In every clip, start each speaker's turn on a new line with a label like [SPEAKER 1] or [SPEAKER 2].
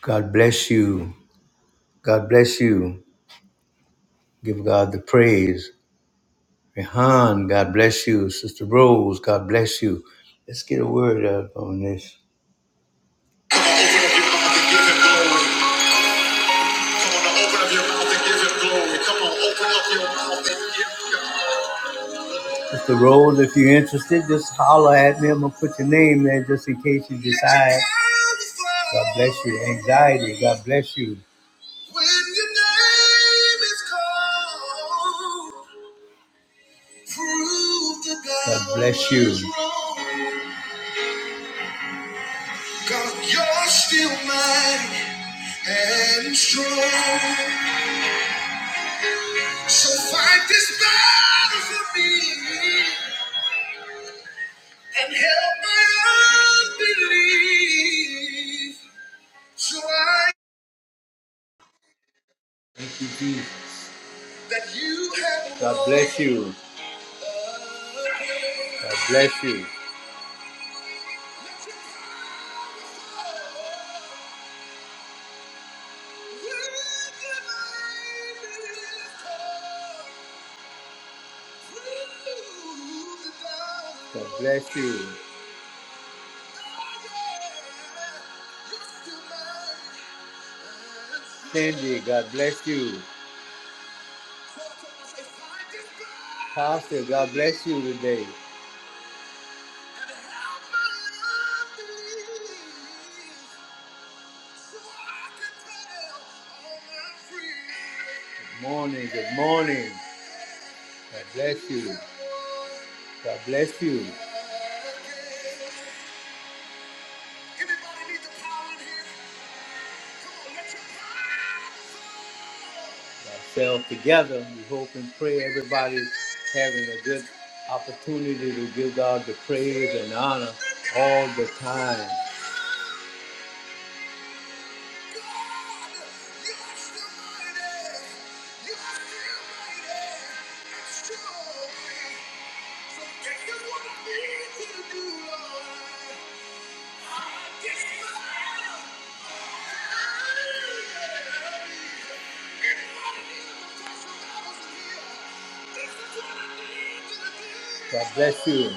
[SPEAKER 1] God bless you. God bless you. Give God the praise. Rehan, God bless you. Sister Rose, God bless you. Let's get a word up on this. Come on, open up your mouth and give him glory. Come on, open up your mouth and give him glory. Come on, open up your mouth and give God. Sister Rose, if you're interested, just holler at me. I'm going to put your name there just in case you decide. God bless you. Anxiety, God bless you. When your name is called. God bless you. God, you're still mighty and strong. So fight this battle for me and help my unbelief. So I thank you, Jesus. That you have God bless you. God bless you. God bless you. Cindy, God bless you. Pastor, God bless you today. Good morning, good morning. God bless you. God bless you. Anybody need the power in here? Come on, let your power fall. Ourselves together, we hope and pray everybody's having a good opportunity to give God the praise and honor all the time. So take what I need you to do, Lord. God bless you.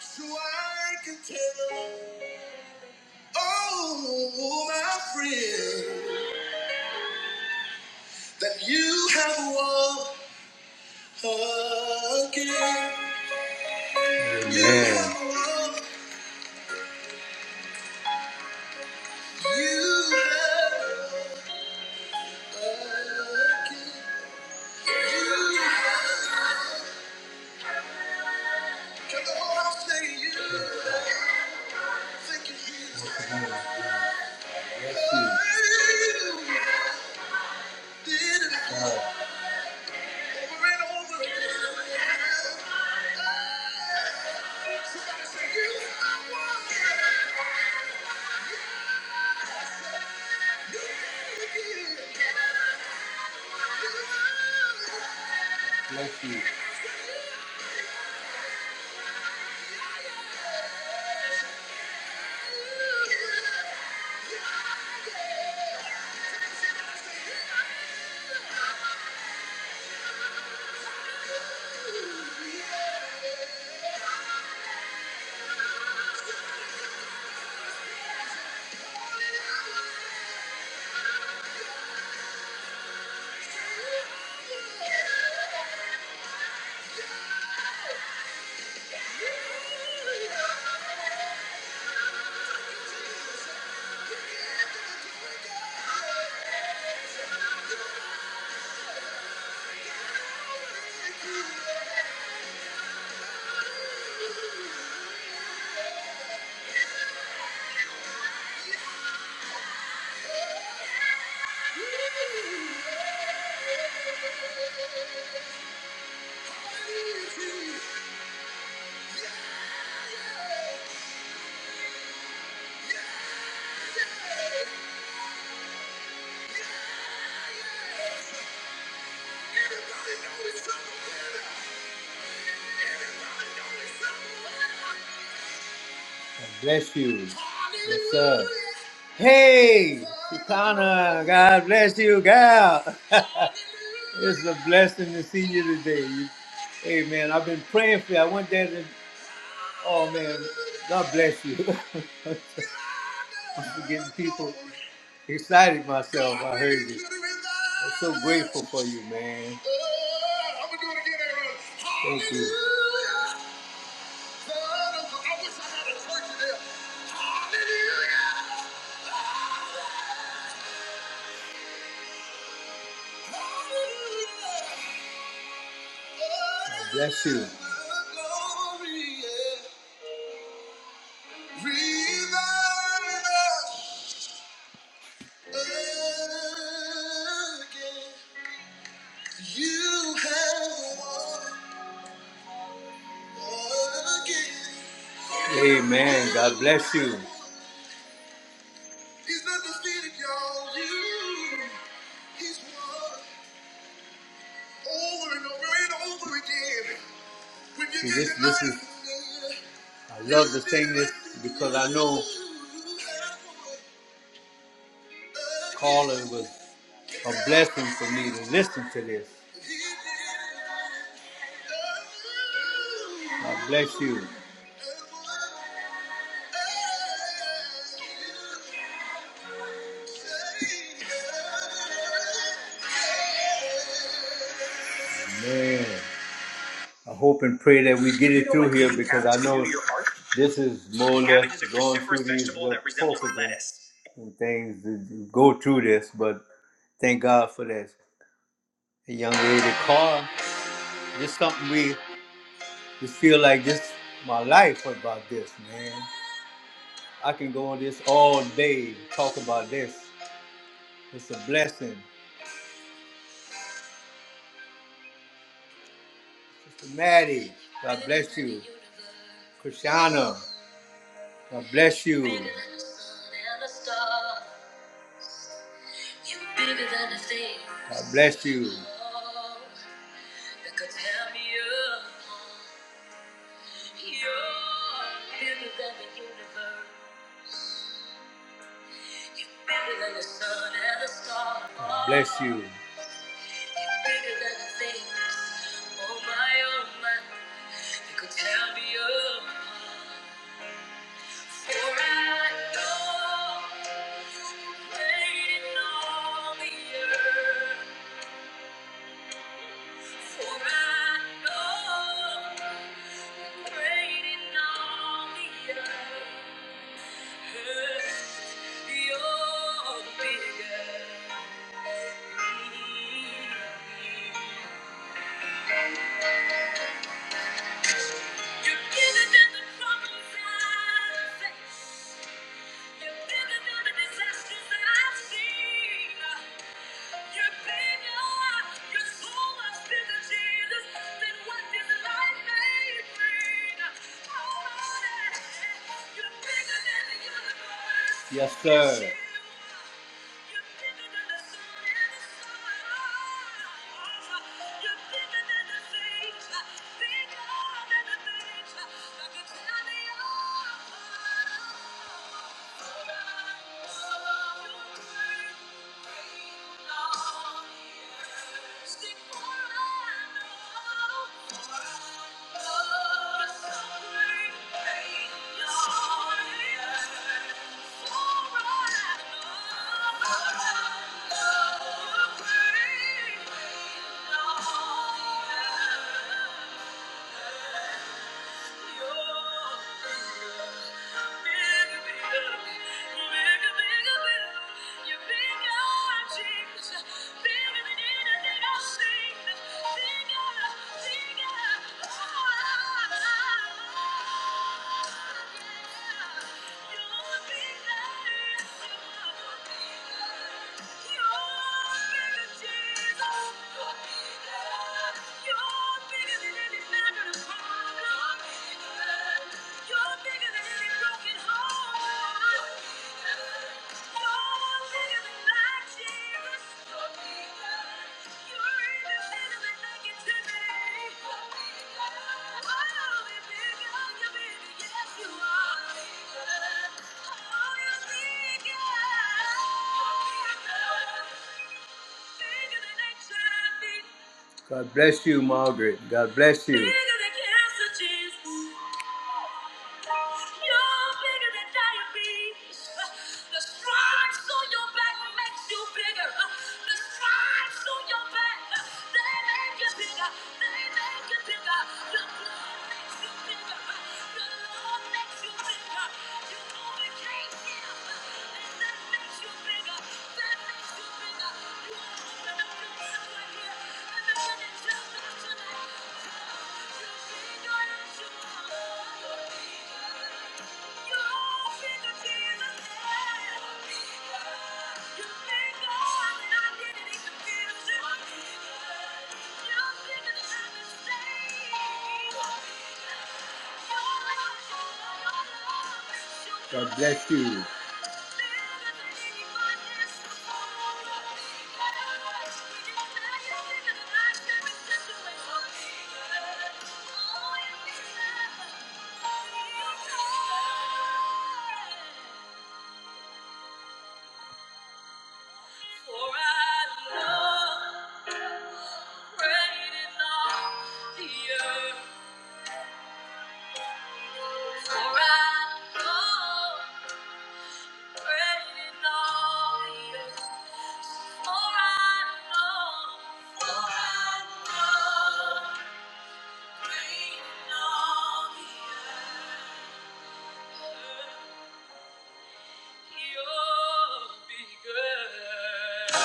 [SPEAKER 1] So I can tell all my friends that you have won again. Amen. You have won, you have won again. You have, won. can the whole house say you? Thank you, Jesus. Yes, you did it Over and over again. Somebody say you have won. You did it again. You have won. Bless you. I'm you. need you. Yeah, Yeah! Bless you. Yes, sir. Hey, Sukana, God bless you, gal. it's a blessing to see you today. You- Hey, man, I've been praying for you. I went there Oh man, God bless you. I'm getting people excited myself. I heard you. I'm so grateful for you, man. Thank you. God Bless you. Amen. God bless you. He's not defeated, y'all. You, he's won over and over and over again. When you See, this, this is, I love to sing this because I know Carla was a blessing for me to listen to this. God bless you. Man, I hope and pray that we get it through here because I know this is more or less going through these little poker and things that go through this, but thank God for this. The young lady car, just something we, just feel like this my life about this, man. I can go on this all day, talk about this. It's a blessing. Sister Maddie, God bless you. Christiana, God bless you. God bless you. God bless you. For I know reigning on the earth. For I know reigning on the earth. You're bigger. You're bigger than the problems I face. You're bigger than the disasters I've seen. Yes, sir. Thank you. You're bigger, Jesus. You're bigger. Bigger than HIV. God bless you, Margaret. God bless you. Bigger than cancer, Jesus. You're bigger than diabetes. The stripes on your back makes you bigger. The stripes on your back, they make you bigger. They make you bigger. The blood makes you bigger. The Lord Thank you. God bless you.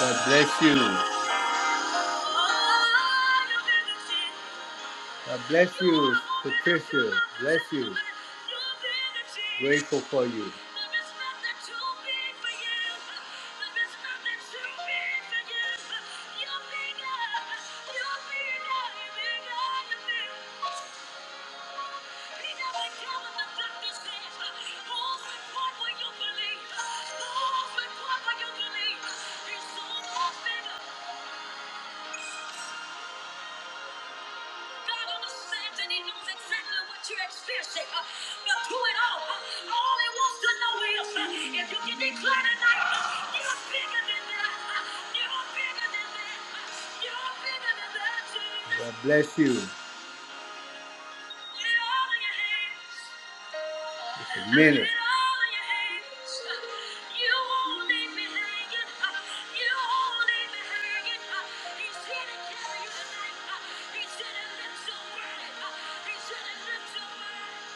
[SPEAKER 1] God bless you. God bless you, Patricia. Bless you. Grateful for you. God understands and He knows exactly what you're experiencing. uh, But through it all, uh, all He wants to know is uh, if you can declare tonight, uh, you're bigger than that. uh, You're bigger than that. uh, You're bigger than that. Jesus." God bless you. Just a minute.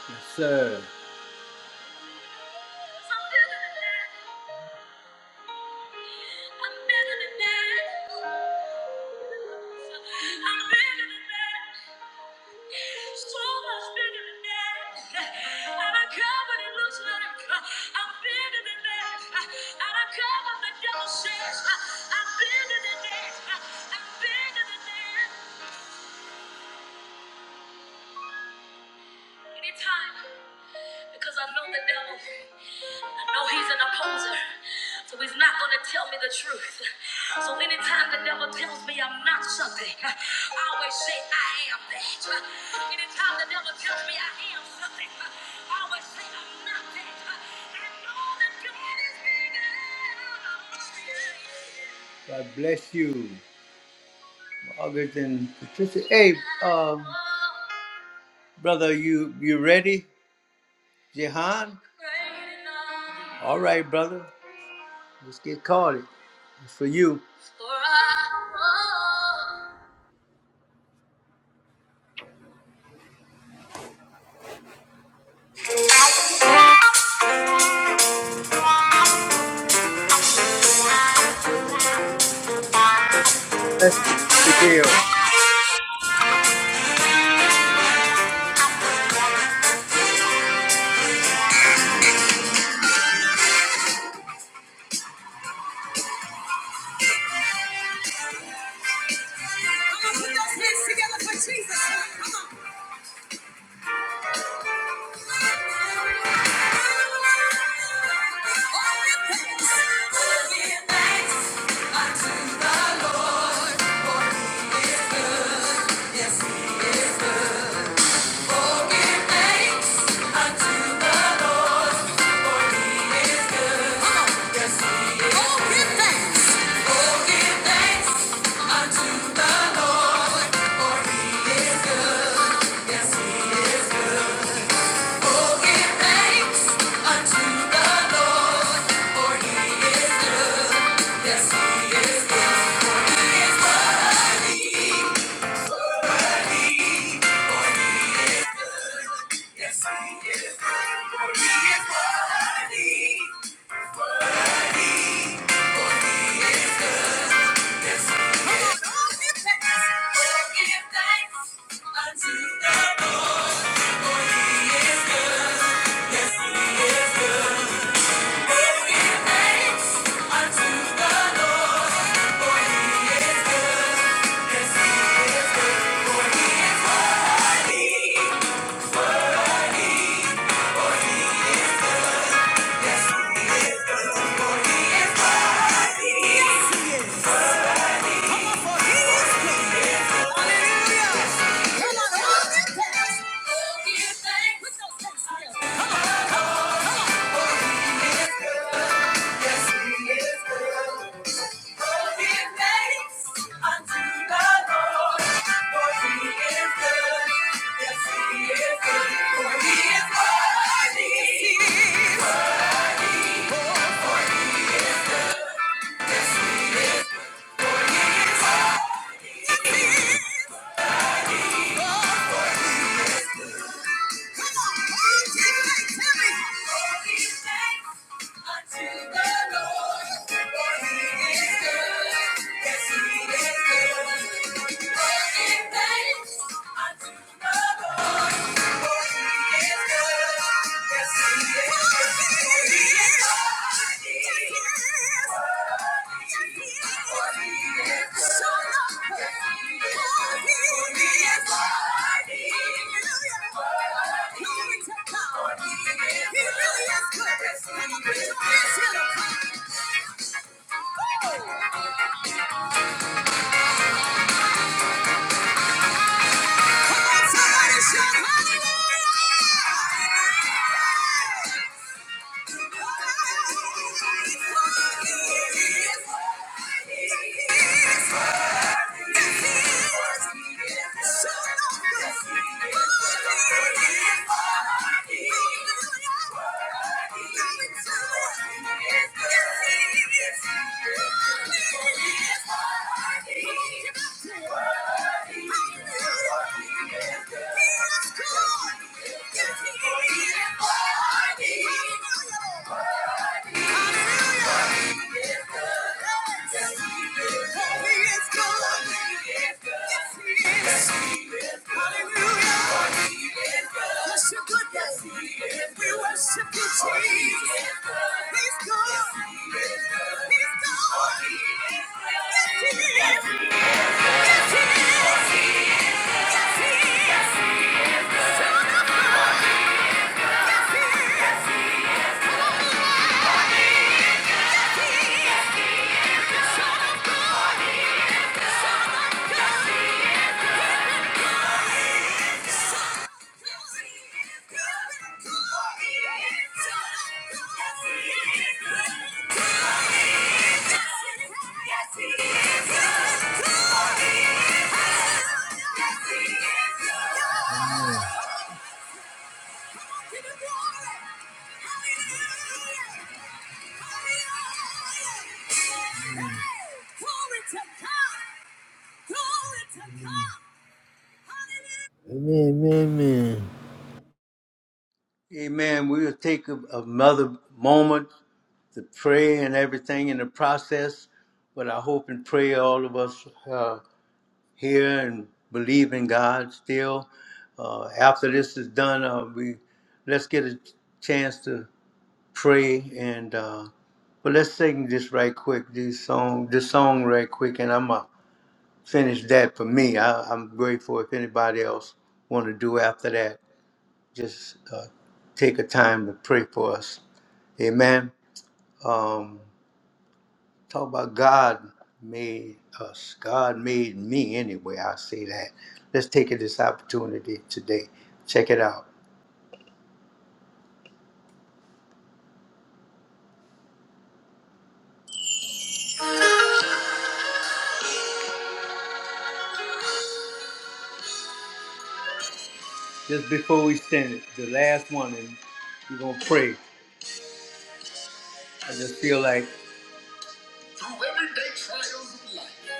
[SPEAKER 1] Yes, sir. I'm better than that. I'm better than that. So much bigger than that. And I don't care what it looks like. I'm bigger than that. And I don't care what the devil says. I'm bigger than that. I'm bigger than that. Anytime, because I know the devil. No, he's an opposer. So he's not going to tell me the truth. So anytime the devil tells me I'm not something, I always say I am that. Anytime the devil tells me I am something, I always say I'm not that. I know that God is bigger. God bless you, Margaret and Patricia. Hey, uh, brother, you you ready, Jehan? All right, brother. Let's get caught. It's for you. Bless you, Sister Gail.
[SPEAKER 2] Hands together for Jesus. Come on. All your thanks. Oh, give thanks unto the Lord, for he is, yes, he is, he is worthy. Worthy is good. Yes, he is, good, for he is worthy. Come on, all give thanks. Oh, give thanks unto the Lord. for he Yes, he is good. For he is worthy. Yes, he is. Hallelujah! Yes, he is. Yes, he is. Yes, he is. Yes, he is. Amen, amen.
[SPEAKER 1] Amen. We'll take a, another moment to pray and everything in the process. But I hope and pray all of us uh, here and believe in God still. Uh, after this is done, uh, we let's get a chance to pray and. Uh, but let's sing this right quick. This song, this song right quick, and I'm up. finish that for me. I, I'm grateful if anybody else want to do after that. Just uh, take a time to pray for us. Amen. Um, talk about God made us. God made me anyway. I say that. Let's take this opportunity today. Check it out. Just before we send it, the last one, and we're gonna pray. I just feel like through everyday trials of life,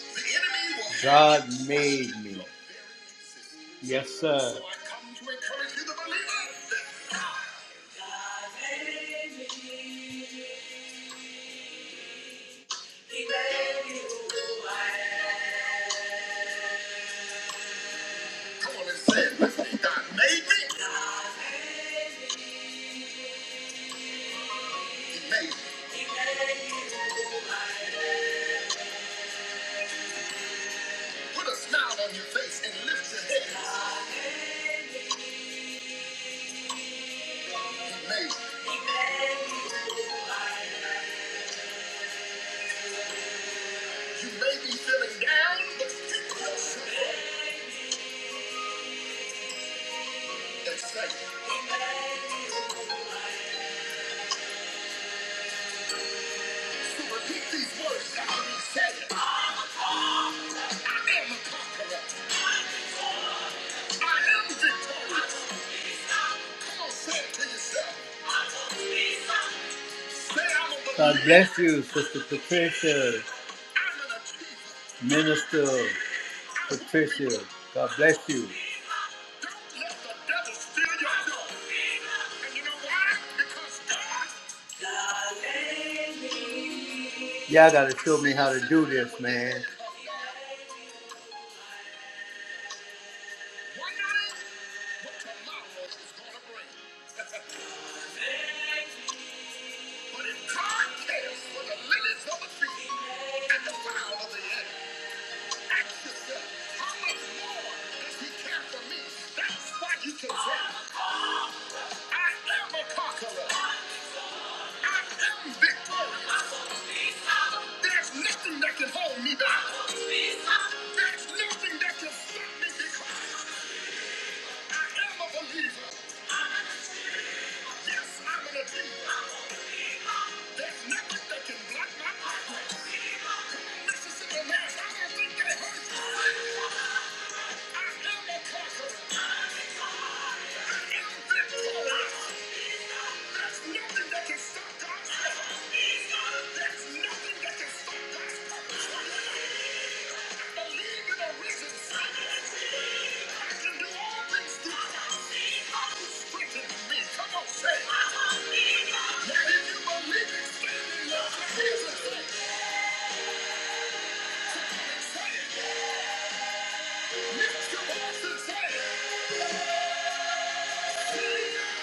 [SPEAKER 1] the enemy will- God made me. Yes, sir. So I come to encourage you, the believer. Come on and say it with me. God made me. He made me. He made me. Put a smile on your face and lift your head. He made you. You may be feeling down, but still excited. So repeat these words after me. Say it. I am a conqueror. I am victorious. Come on, say it to yourself. Say I'm a God bless you, Sister Patricia, Minister Patricia. God bless you. Y'all gotta show me how to do this, man. Yes, I'm an There's nothing that can block my progress. Mississippi Mass, I don't think they hurt. I am a conqueror. I am victorious. There's nothing that can stop God's purpose. There's nothing that can stop God's purpose. I believe in a risen I can do all things through Christ who strengthens me. Come on, say it. Now, if you believe it, stand in love. Here's the thing. Come Lift your voice and say it. That let me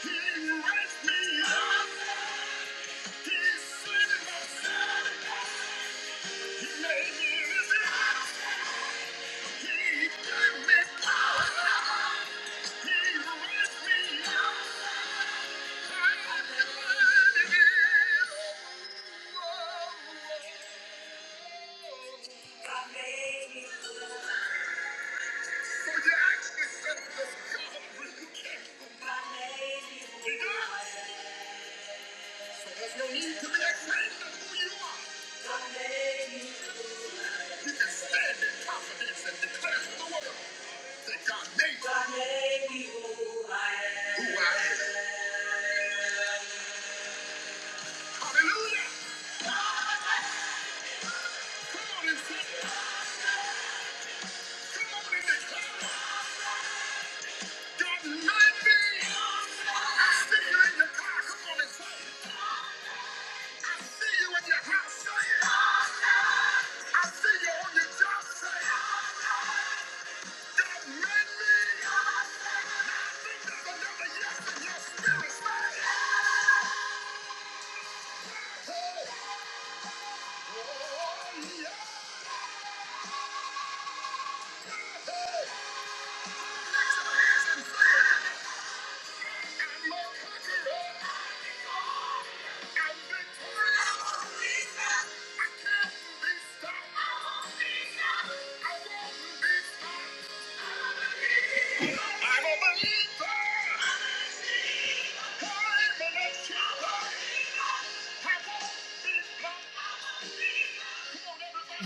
[SPEAKER 1] He raised me up. Thank you. There's no need to be afraid of who you are. You can stand in confidence and declare to the world that God made you God made me who I am. Who I am. Hallelujah. Come on and sing it. Come on and declare it. Oh, Yeah.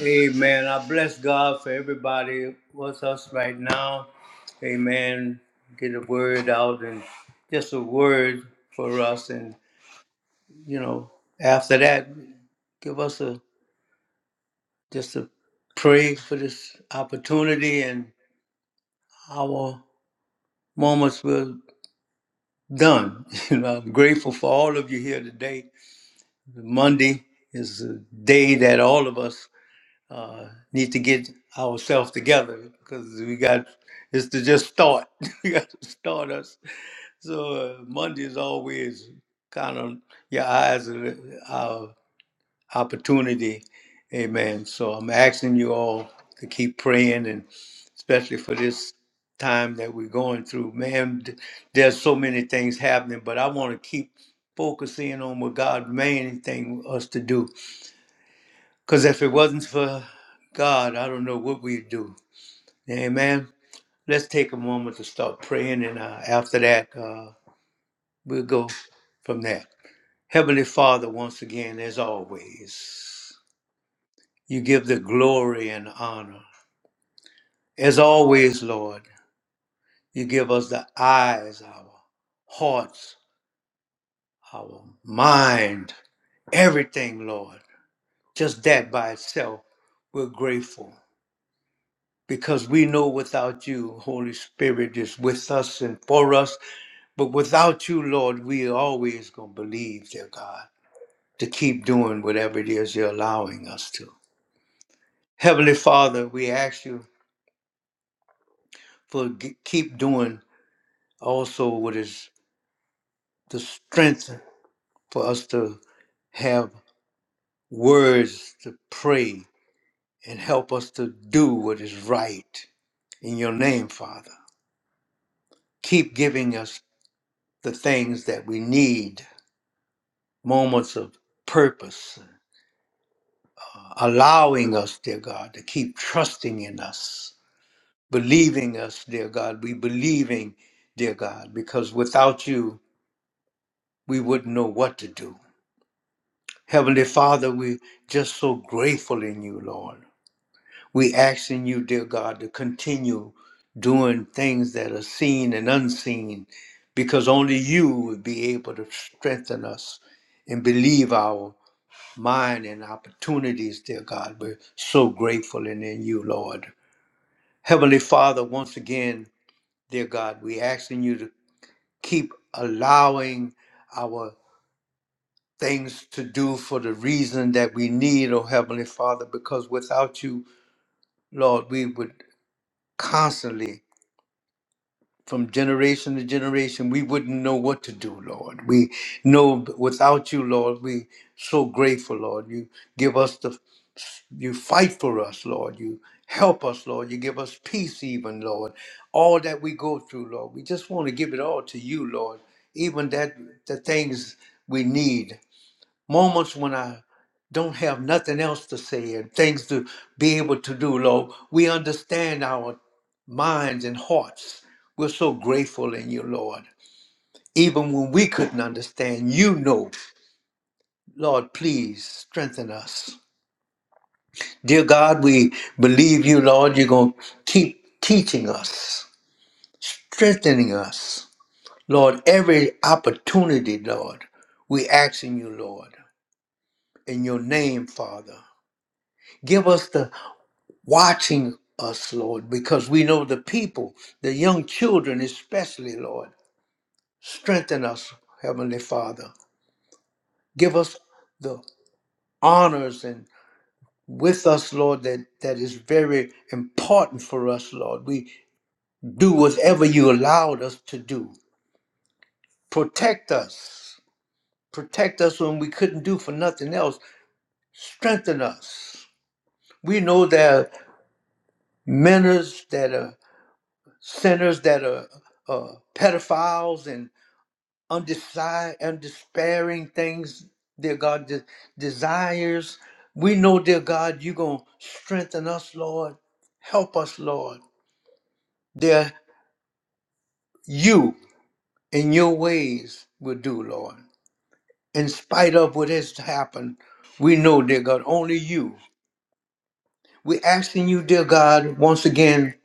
[SPEAKER 1] Amen. I bless God for everybody with us right now. Amen. Get a word out and just a word for us. And, you know, after that, give us a just a pray for this opportunity and our moments were done. You know, I'm grateful for all of you here today. Monday is a day that all of us uh, need to get ourselves together because we got it's to just start. we got to start us. So uh, Monday is always kind of your eyes are our opportunity. Amen. So I'm asking you all to keep praying and especially for this time that we're going through. Man, th- there's so many things happening, but I want to keep focusing on what God main thing us to do because if it wasn't for God, I don't know what we'd do. Amen. Let's take a moment to start praying, and uh, after that, uh, we'll go from there. Heavenly Father, once again, as always, you give the glory and honor. As always, Lord, you give us the eyes, our hearts, our mind, everything, Lord. Just that by itself, we're grateful. because we know without you, Holy Spirit is with us and for us. But without you, Lord, we are always going to believe, dear God, to keep doing whatever it is you're allowing us to. Heavenly Father, we ask you for g- keep doing also what is the strength for us to have words to pray and help us to do what is right in your name, Father. Keep giving us the things that we need moments of purpose, allowing us, dear God, to keep trusting in us, believing us, dear God. We believing, dear God, because without you, we wouldn't know what to do. Heavenly Father, we're just so grateful in you, Lord. We asking you, dear God, to continue doing things that are seen and unseen, because only you would be able to strengthen us and believe our mind and opportunities, dear God. We're so grateful and in you, Lord. Heavenly Father, once again, dear God, we asking you to keep allowing our things to do for the reason that we need, oh Heavenly Father, because without you, Lord, we would constantly from generation to generation, we wouldn't know what to do, Lord. We know without you, Lord, we so grateful, Lord. You give us the you fight for us, Lord. You help us, Lord. You give us peace, even, Lord. All that we go through, Lord, we just want to give it all to you, Lord. Even that the things we need, moments when I don't have nothing else to say and things to be able to do, Lord. We understand our minds and hearts. We're so grateful in you, Lord. Even when we couldn't understand, you know. Lord, please strengthen us. Dear God, we believe you, Lord. You're going to keep teaching us, strengthening us. Lord, every opportunity, Lord, we ask in you, Lord, in your name, Father. Give us the watching us, Lord, because we know the people, the young children especially, Lord. Strengthen us, Heavenly Father. Give us the honors and with us, Lord, that, that is very important for us, Lord. We do whatever you allowed us to do. Protect us. Protect us when we couldn't do for nothing else. Strengthen us. We know there are mentors that are sinners that are uh, pedophiles and undesired, undespairing things, dear God, de- desires. We know, dear God, you're going to strengthen us, Lord. Help us, Lord. Dear, you in your ways will do, Lord. In spite of what has happened, we know, dear God, only you. We're asking you, dear God, once again,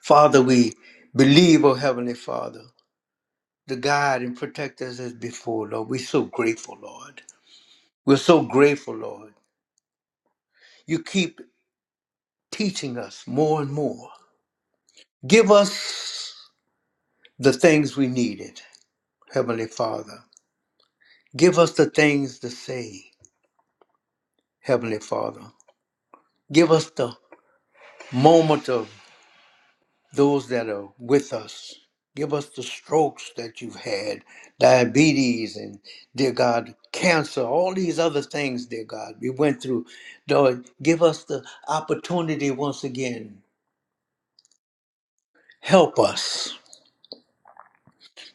[SPEAKER 1] Father, we believe, oh Heavenly Father, the guide and protect us as before, Lord. We're so grateful, Lord. We're so grateful, Lord. You keep teaching us more and more. Give us the things we needed, Heavenly Father. Give us the things to say, Heavenly Father. Give us the moment of those that are with us. Give us the strokes that you've had, diabetes, and dear God, cancer, all these other things, dear God, we went through. Lord, give us the opportunity once again. Help us.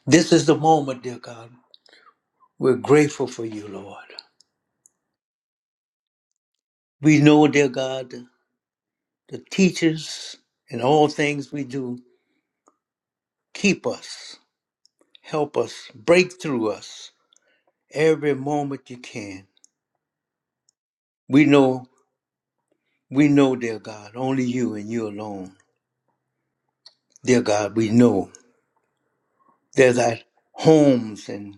[SPEAKER 1] This is the moment, dear God. We're grateful for you, Lord. We know, dear God, the teachers and all things we do, keep us, help us, break through us every moment you can. We know, we know, dear God, only you and you alone. Dear God, we know there's our homes and,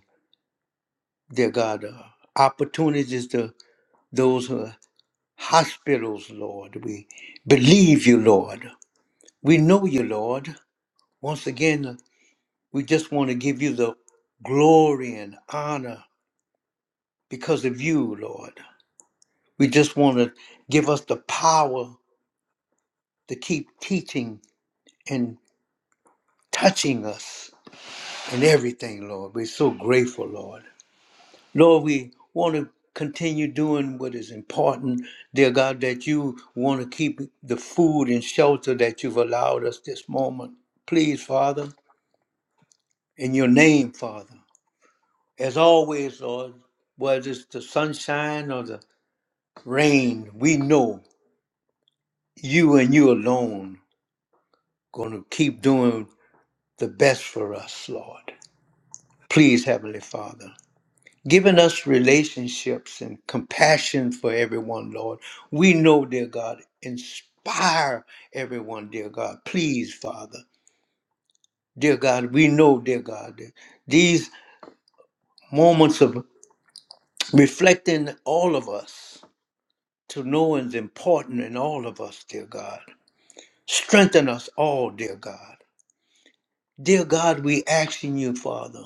[SPEAKER 1] dear God, uh, opportunities to those who are hospitals, Lord. We believe you, Lord. We know you, Lord. Once again, We just want to give you the glory and honor because of you, Lord. We just want to give us the power to keep teaching and touching us and everything, Lord. We're so grateful, Lord. Lord, we want to continue doing what is important, dear God, that you want to keep the food and shelter that you've allowed us this moment. Please, Father, in your name, Father. As always, Lord, whether it's the sunshine or the Rain, we know you and you alone going to keep doing the best for us, Lord. Please, Heavenly Father, giving us relationships and compassion for everyone, Lord. We know, dear God, inspire everyone, dear God. Please, Father. Dear God, we know, dear God, that these moments of reflecting all of us to know is important in all of us, dear God. Strengthen us all, dear God. Dear God, we asking you, Father,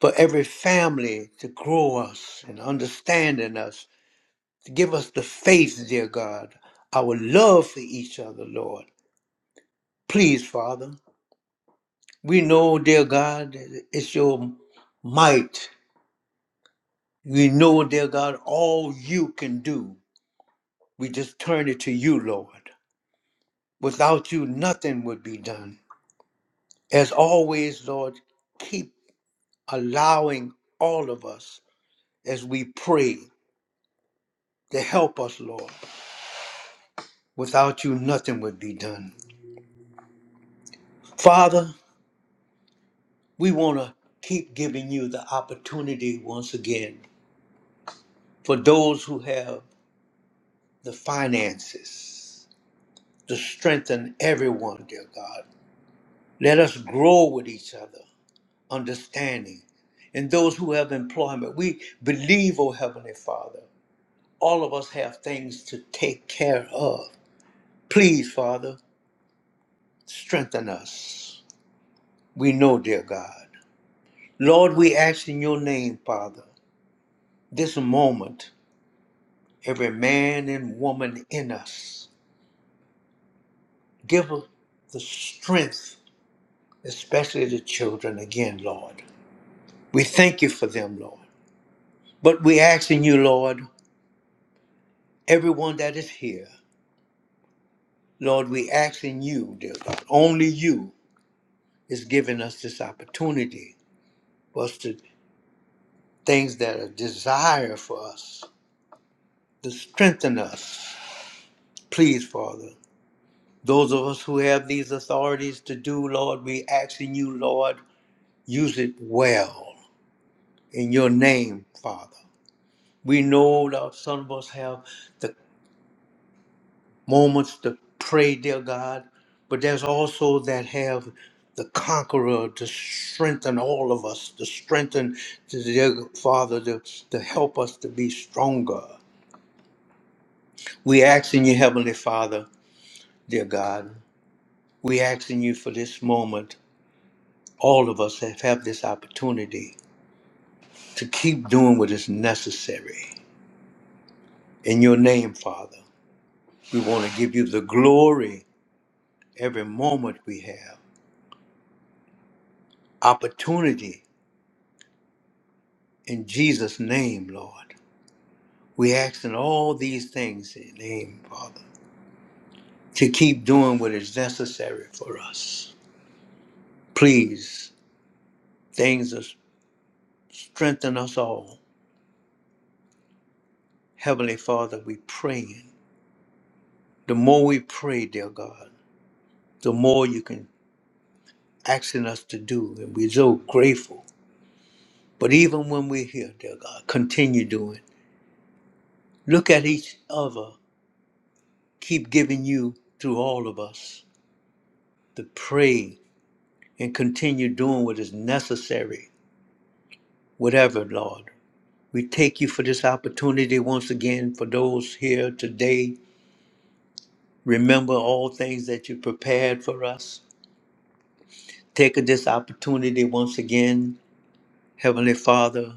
[SPEAKER 1] for every family to grow us and understanding us, to give us the faith, dear God, our love for each other, Lord. Please, Father, we know, dear God, it's your might. We know, dear God, all you can do. We just turn it to you, Lord. Without you, nothing would be done. As always, Lord, keep allowing all of us as we pray. to help us, Lord. Without you, nothing would be done. Father, we want to keep giving you the opportunity once again for those who have the finances to strengthen everyone, dear God. Let us grow with each other, understanding, and those who have employment. We believe, O Heavenly Father, all of us have things to take care of. Please, Father, strengthen us. We know, dear God. Lord, we ask in your name, Father, this moment, every man and woman in us, give us the strength, especially the children again, Lord. We thank you for them, Lord. But we ask in you, Lord, everyone that is here, Lord, we ask in you, dear God, only you is giving us this opportunity for us to things that are desire for us, to strengthen us. Please, Father, Those of us who have these authorities to do, Lord, we asking you, Lord, use it well in your name, Father. We know that some of us have the moments to pray, dear God, but there's also that have the conqueror to strengthen all of us, to strengthen, dear Father, to, to help us to be stronger. We asking you, Heavenly Father, dear God, we asking you for this moment all of us have had this opportunity to keep doing what is necessary. In your name, Father, we want to give you the glory every moment we have. Opportunity in Jesus' name, Lord. We ask in all these things in your name, Father, to keep doing what is necessary for us. Please, things that strengthen us all. Heavenly Father, we praying. The more we pray, dear God, the more you can asking us to do, and we're so grateful. But even when we're here, dear God, continue doing. Look at each other. Keep giving you, through all of us, the praise and continue doing what is necessary, whatever, Lord. We take you for this opportunity once again for those here today. Remember all things that you prepared for us. Take this opportunity once again, Heavenly Father,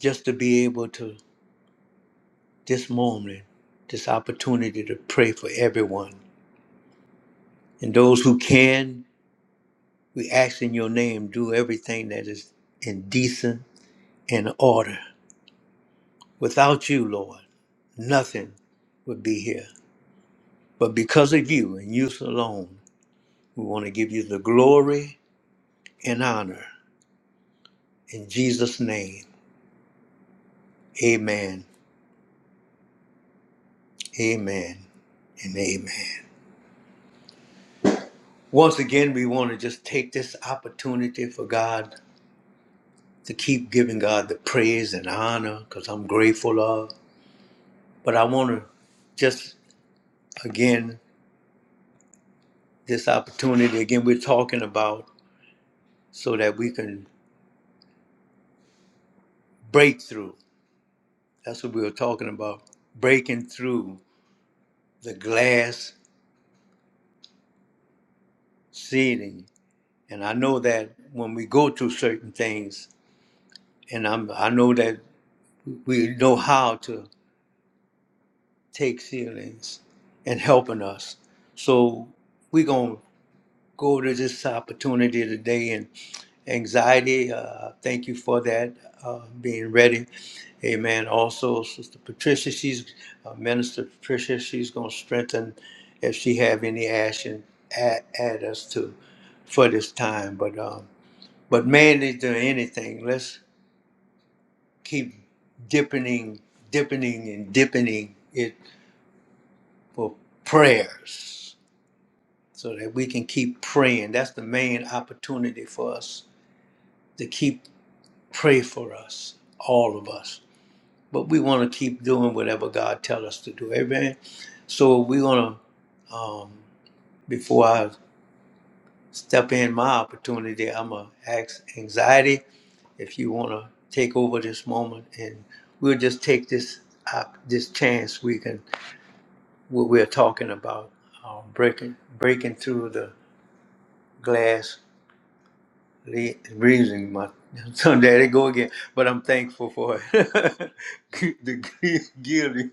[SPEAKER 1] just to be able to this moment, this opportunity to pray for everyone. And those who can, we ask in your name, do everything that is in decent and order. Without you, Lord, nothing would be here. But because of you and you alone, we want to give you the glory and honor. In Jesus' name, amen, amen, and amen. Once again, we want to just take this opportunity for God. to keep giving God the praise and honor because I'm grateful of. But I want to just again, this opportunity again, we're talking about so that we can break through. That's what we were talking about breaking through the glass ceiling. And I know that when we go through certain things, and I'm, I know that we know how to take ceilings and helping us. So we're going to go to this opportunity today and anxiety. Uh, thank you for that, uh, being ready. Amen. Also, Sister Patricia, she's uh, Minister Patricia. She's going to strengthen if she have any action at, at us to for this time. But um, but man, is there anything? Let's keep dipping, dipping, and dipping it for prayers so that we can keep praying. That's the main opportunity for us to keep pray for us, all of us. But we want to keep doing whatever God tell us to do. Amen. So we're gonna um, before I step in my opportunity, I'm gonna ask anxiety if you wanna take over this moment, and we'll just take this op- this chance we can what we're talking about um, breaking breaking through the glass They breathing my so there they go again. But I'm thankful for it. the guilty.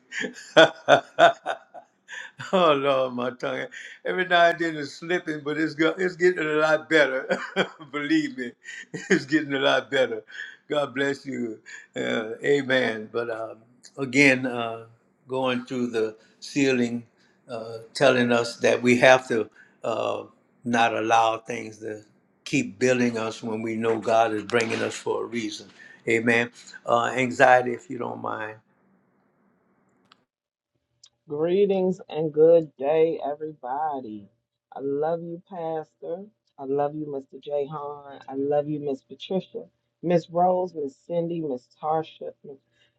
[SPEAKER 1] Oh Lord, my tongue. Every now and then it's slipping, but it's go, it's getting a lot better. Believe me, it's getting a lot better. God bless you. Uh, amen. But um, again, uh, going through the ceiling, uh, telling us that we have to uh, not allow things to keep building us when we know God is bringing us for a reason. Amen. Uh, anxiety, if you don't mind.
[SPEAKER 3] Greetings and good day, everybody. I love you, Pastor. I love you, Mr. Jay Hahn. I love you, Miss Patricia, Miss Rose, Miss Cindy, Miss Tarsha,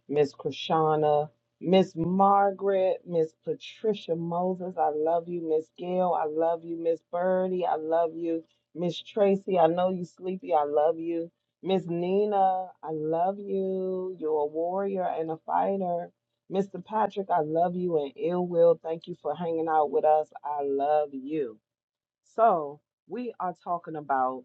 [SPEAKER 3] Miss Krishana, Miss Margaret, Miss Patricia Moses. I love you, Miss Gail. I love you, Miss Birdie. I love you, Miss Tracy. I know you sleepy. I love you. Miss Nina, I love you. You're a warrior and a fighter. Mr. Patrick, I love you and ill will. Thank you for hanging out with us. I love you. So, we are talking about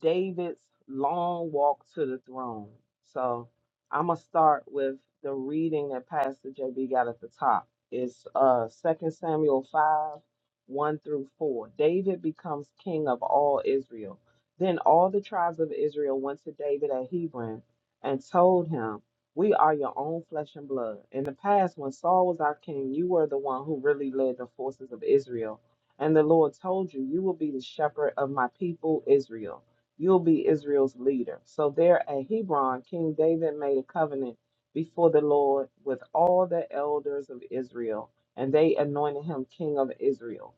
[SPEAKER 3] David's long walk to the throne. So I'm gonna start with the reading that Pastor JB got at the top. It's uh Second Samuel five, one through four. David becomes king of all Israel. Then all the tribes of Israel went to David at Hebron and told him, We are your own flesh and blood. In the past, when Saul was our king, you were the one who really led the forces of Israel. And the Lord told you, You will be the shepherd of my people Israel. You'll be Israel's leader. So there at Hebron, King David made a covenant before the Lord with all the elders of Israel, and they anointed him king of Israel.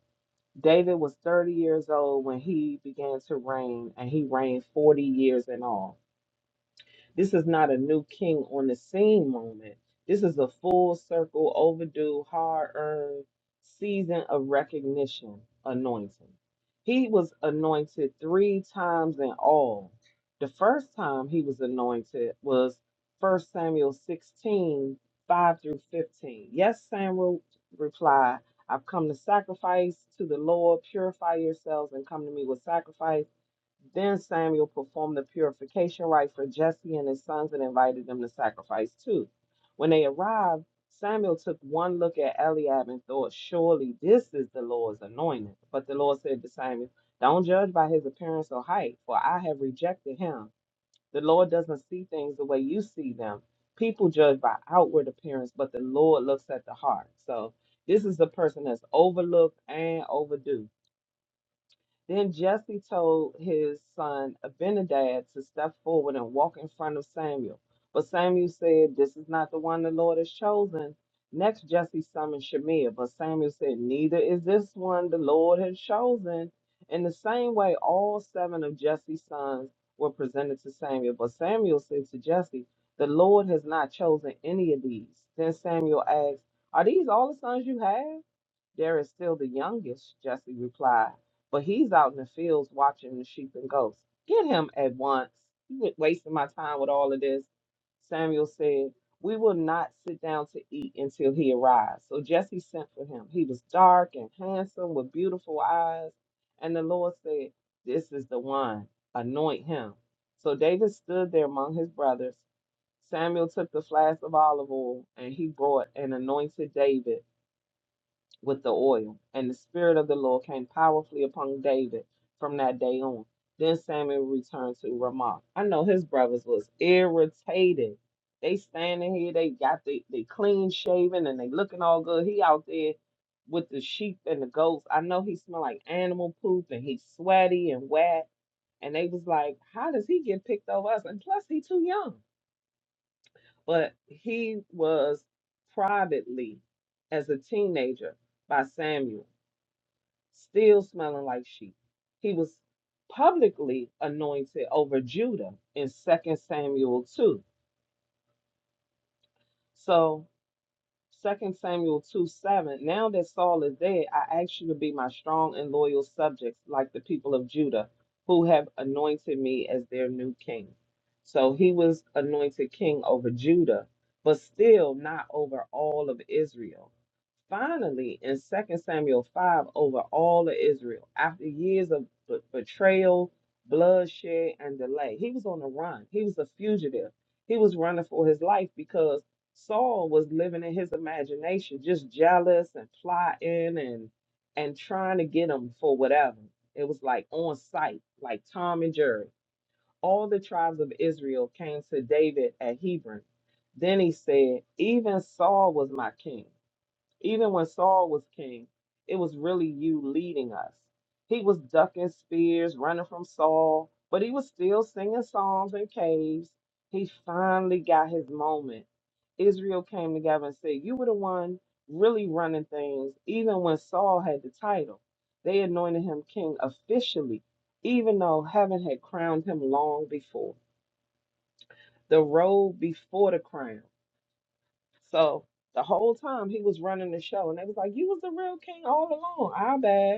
[SPEAKER 3] David was 30 years old when he began to reign, and he reigned 40 years in all. This is not a new king on the scene moment. This is a full circle, overdue, hard earned season of recognition, anointing. He was anointed three times in all. The first time he was anointed was 1 Samuel 16:5 through 15. Yes, Samuel replied, I've come to sacrifice to the Lord. Purify yourselves and come to me with sacrifice. Then Samuel performed the purification rite for Jesse and his sons and invited them to sacrifice too. When they arrived, Samuel took one look at Eliab and thought, Surely this is the Lord's anointed. But the Lord said to Samuel, Don't judge by his appearance or height, for I have rejected him. The Lord doesn't see things the way you see them. People judge by outward appearance, but the Lord looks at the heart. So this is the person that's overlooked and overdue then Jesse told his son Abinadab to step forward and walk in front of Samuel. But Samuel said, This is not the one the Lord has chosen. Next, Jesse summoned Shemaiah, but Samuel said, Neither is this one the Lord has chosen. In the same way, all seven of Jesse's sons were presented to Samuel. But Samuel said to Jesse, The Lord has not chosen any of these. Then Samuel asked, Are these all the sons you have? There is still the youngest, Jesse replied, but he's out in the fields watching the sheep and goats. Get him at once. You wa- wasting my time with all of this. Samuel said, We will not sit down to eat until he arrives. So Jesse sent for him. He was dark and handsome with beautiful eyes. And the Lord said, This is the one. Anoint him. So David stood there among his brothers. Samuel took the flask of olive oil and he brought and anointed David with the oil. And the Spirit of the Lord came powerfully upon David from that day on. Then Samuel returned to Ramah. I know his brothers was irritated. They standing here, they got the they clean shaven and they looking all good. He out there with the sheep and the goats. I know he smell like animal poop and he's sweaty and wet. And they was like, How does he get picked over us? And plus he too young. But he was privately as a teenager by Samuel still smelling like sheep. He was publicly anointed over Judah in Second Samuel 2. So Second Samuel 2 7. Now that Saul is dead, I ask you to be my strong and loyal subjects, like the people of Judah, who have anointed me as their new king. So he was anointed king over Judah, but still not over all of Israel. Finally, in Second Samuel 5, over all of Israel, after years of be- betrayal, bloodshed, and delay, he was on the run. He was a fugitive. He was running for his life because Saul was living in his imagination, just jealous and plotting and and trying to get him for whatever. It was like on sight, like Tom and Jerry. All the tribes of Israel came to David at Hebron. Then he said, Even Saul was my king. Even when Saul was king, it was really you leading us. He was ducking spears, running from Saul, but he was still singing psalms in caves. He finally got his moment. Israel came together and said, You were the one really running things, even when Saul had the title. They anointed him king officially, even though heaven had crowned him long before. The road before the crown. So the whole time he was running the show, and they was like, "You was the real king all along." Our bad.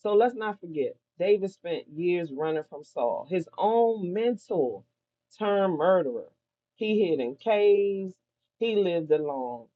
[SPEAKER 3] So let's not forget, David spent years running from Saul, his own mentor turned murderer. He hid in caves, he lived alone,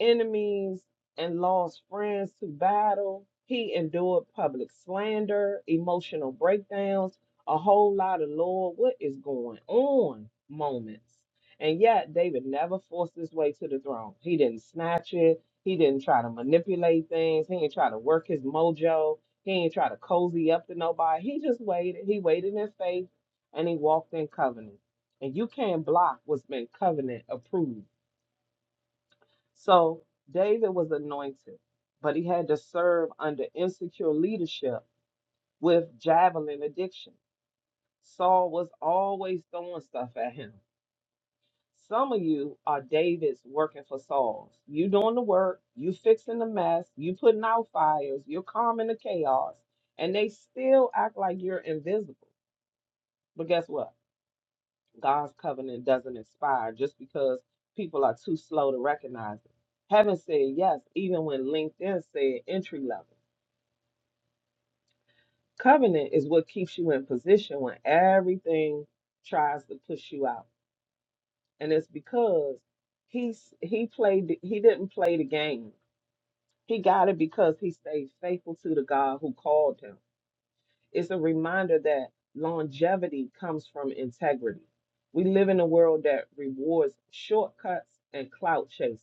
[SPEAKER 3] enemies and lost friends to battle. He endured public slander, emotional breakdowns, a whole lot of Lord, what is going on moments. And yet, David never forced his way to the throne. He didn't snatch it. He didn't try to manipulate things. He didn't try to work his mojo. He ain't try to cozy up to nobody. He just waited. He waited in faith and he walked in covenant. And you can't block what's been covenant approved. So David was anointed, but he had to serve under insecure leadership with javelin addiction. Saul was always throwing stuff at him. Some of you are Davids working for Sauls. You doing the work, you fixing the mess, you putting out fires, you're calming the chaos, and they still act like you're invisible But guess what? God's covenant doesn't expire just because people are too slow to recognize it. Heaven said yes, even when LinkedIn said entry level. Covenant is what keeps you in position when everything tries to push you out. And it's because he's he played he didn't play the game. He got it because he stayed faithful to the God who called him. It's a reminder that longevity comes from integrity. We live in a world that rewards shortcuts and clout chasing.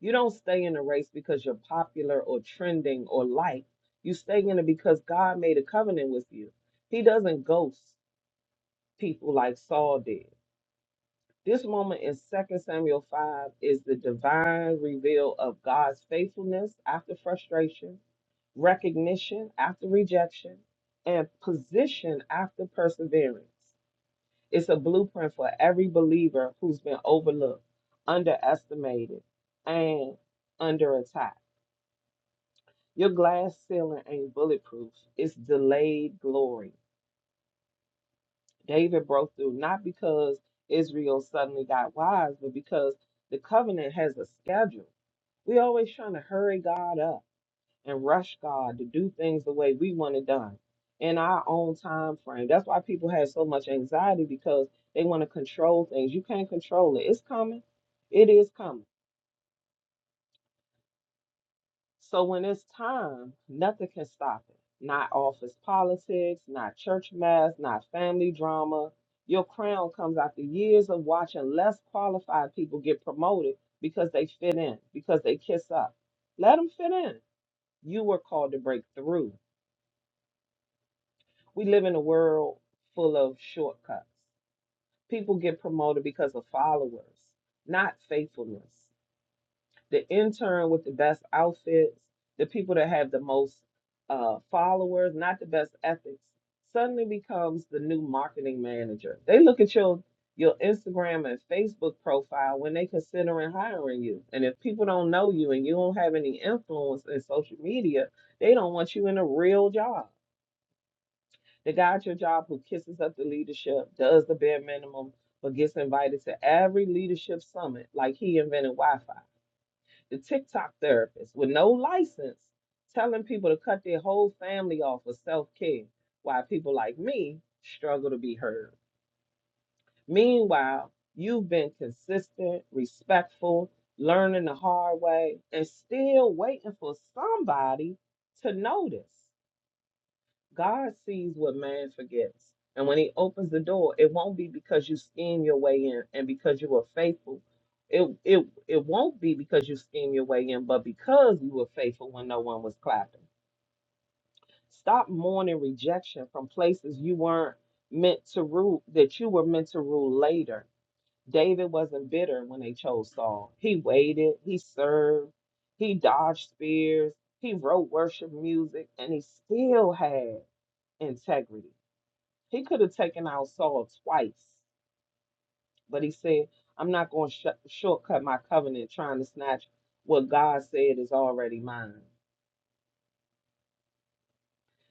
[SPEAKER 3] You don't stay in a race because you're popular or trending or liked. You stay in it because God made a covenant with you. He doesn't ghost people like Saul did. This moment in 2 Samuel 5 is the divine reveal of God's faithfulness after frustration recognition after rejection, and position after perseverance. It's a blueprint for every believer who's been overlooked, underestimated, and under attack. Your glass ceiling ain't bulletproof, it's delayed glory. David broke through not because Israel suddenly got wise, but because the covenant has a schedule. We always trying to hurry God up and rush God to do things the way we want it done in our own time frame. That's why people have so much anxiety because they want to control things. You can't control it. It's coming. It is coming. So when it's time, nothing can stop it. Not office politics, not church mass, not family drama. Your crown comes after years of watching less qualified people get promoted because they fit in, because they kiss up. Let them fit in. You were called to break through. We live in a world full of shortcuts. People get promoted because of followers, not faithfulness. The intern with the best outfits, the people that have the most uh, followers, not the best ethics, suddenly becomes the new marketing manager. They look at your your Instagram and Facebook profile when they considering hiring you. And if people don't know you and you don't have any influence in social media, they don't want you in a real job. The guy at your job who kisses up the leadership, does the bare minimum, but gets invited to every leadership summit like he invented Wi Fi. The TikTok therapist with no license telling people to cut their whole family off for self care while people like me struggle to be heard. Meanwhile, you've been consistent, respectful, learning the hard way, and still waiting for somebody to notice. God sees what man forgets. And when he opens the door, it won't be because you scheme your way in and because you were faithful. It it it won't be because you scheme your way in, but because you were faithful when no one was clapping. Stop mourning rejection from places you weren't meant to rule that you were meant to rule later. David wasn't bitter when they chose Saul. He waited, he served, he dodged spears, he wrote worship music, and he still had integrity. He could have taken out Saul twice, but he said, I'm not going to sh- shortcut my covenant trying to snatch what God said is already mine.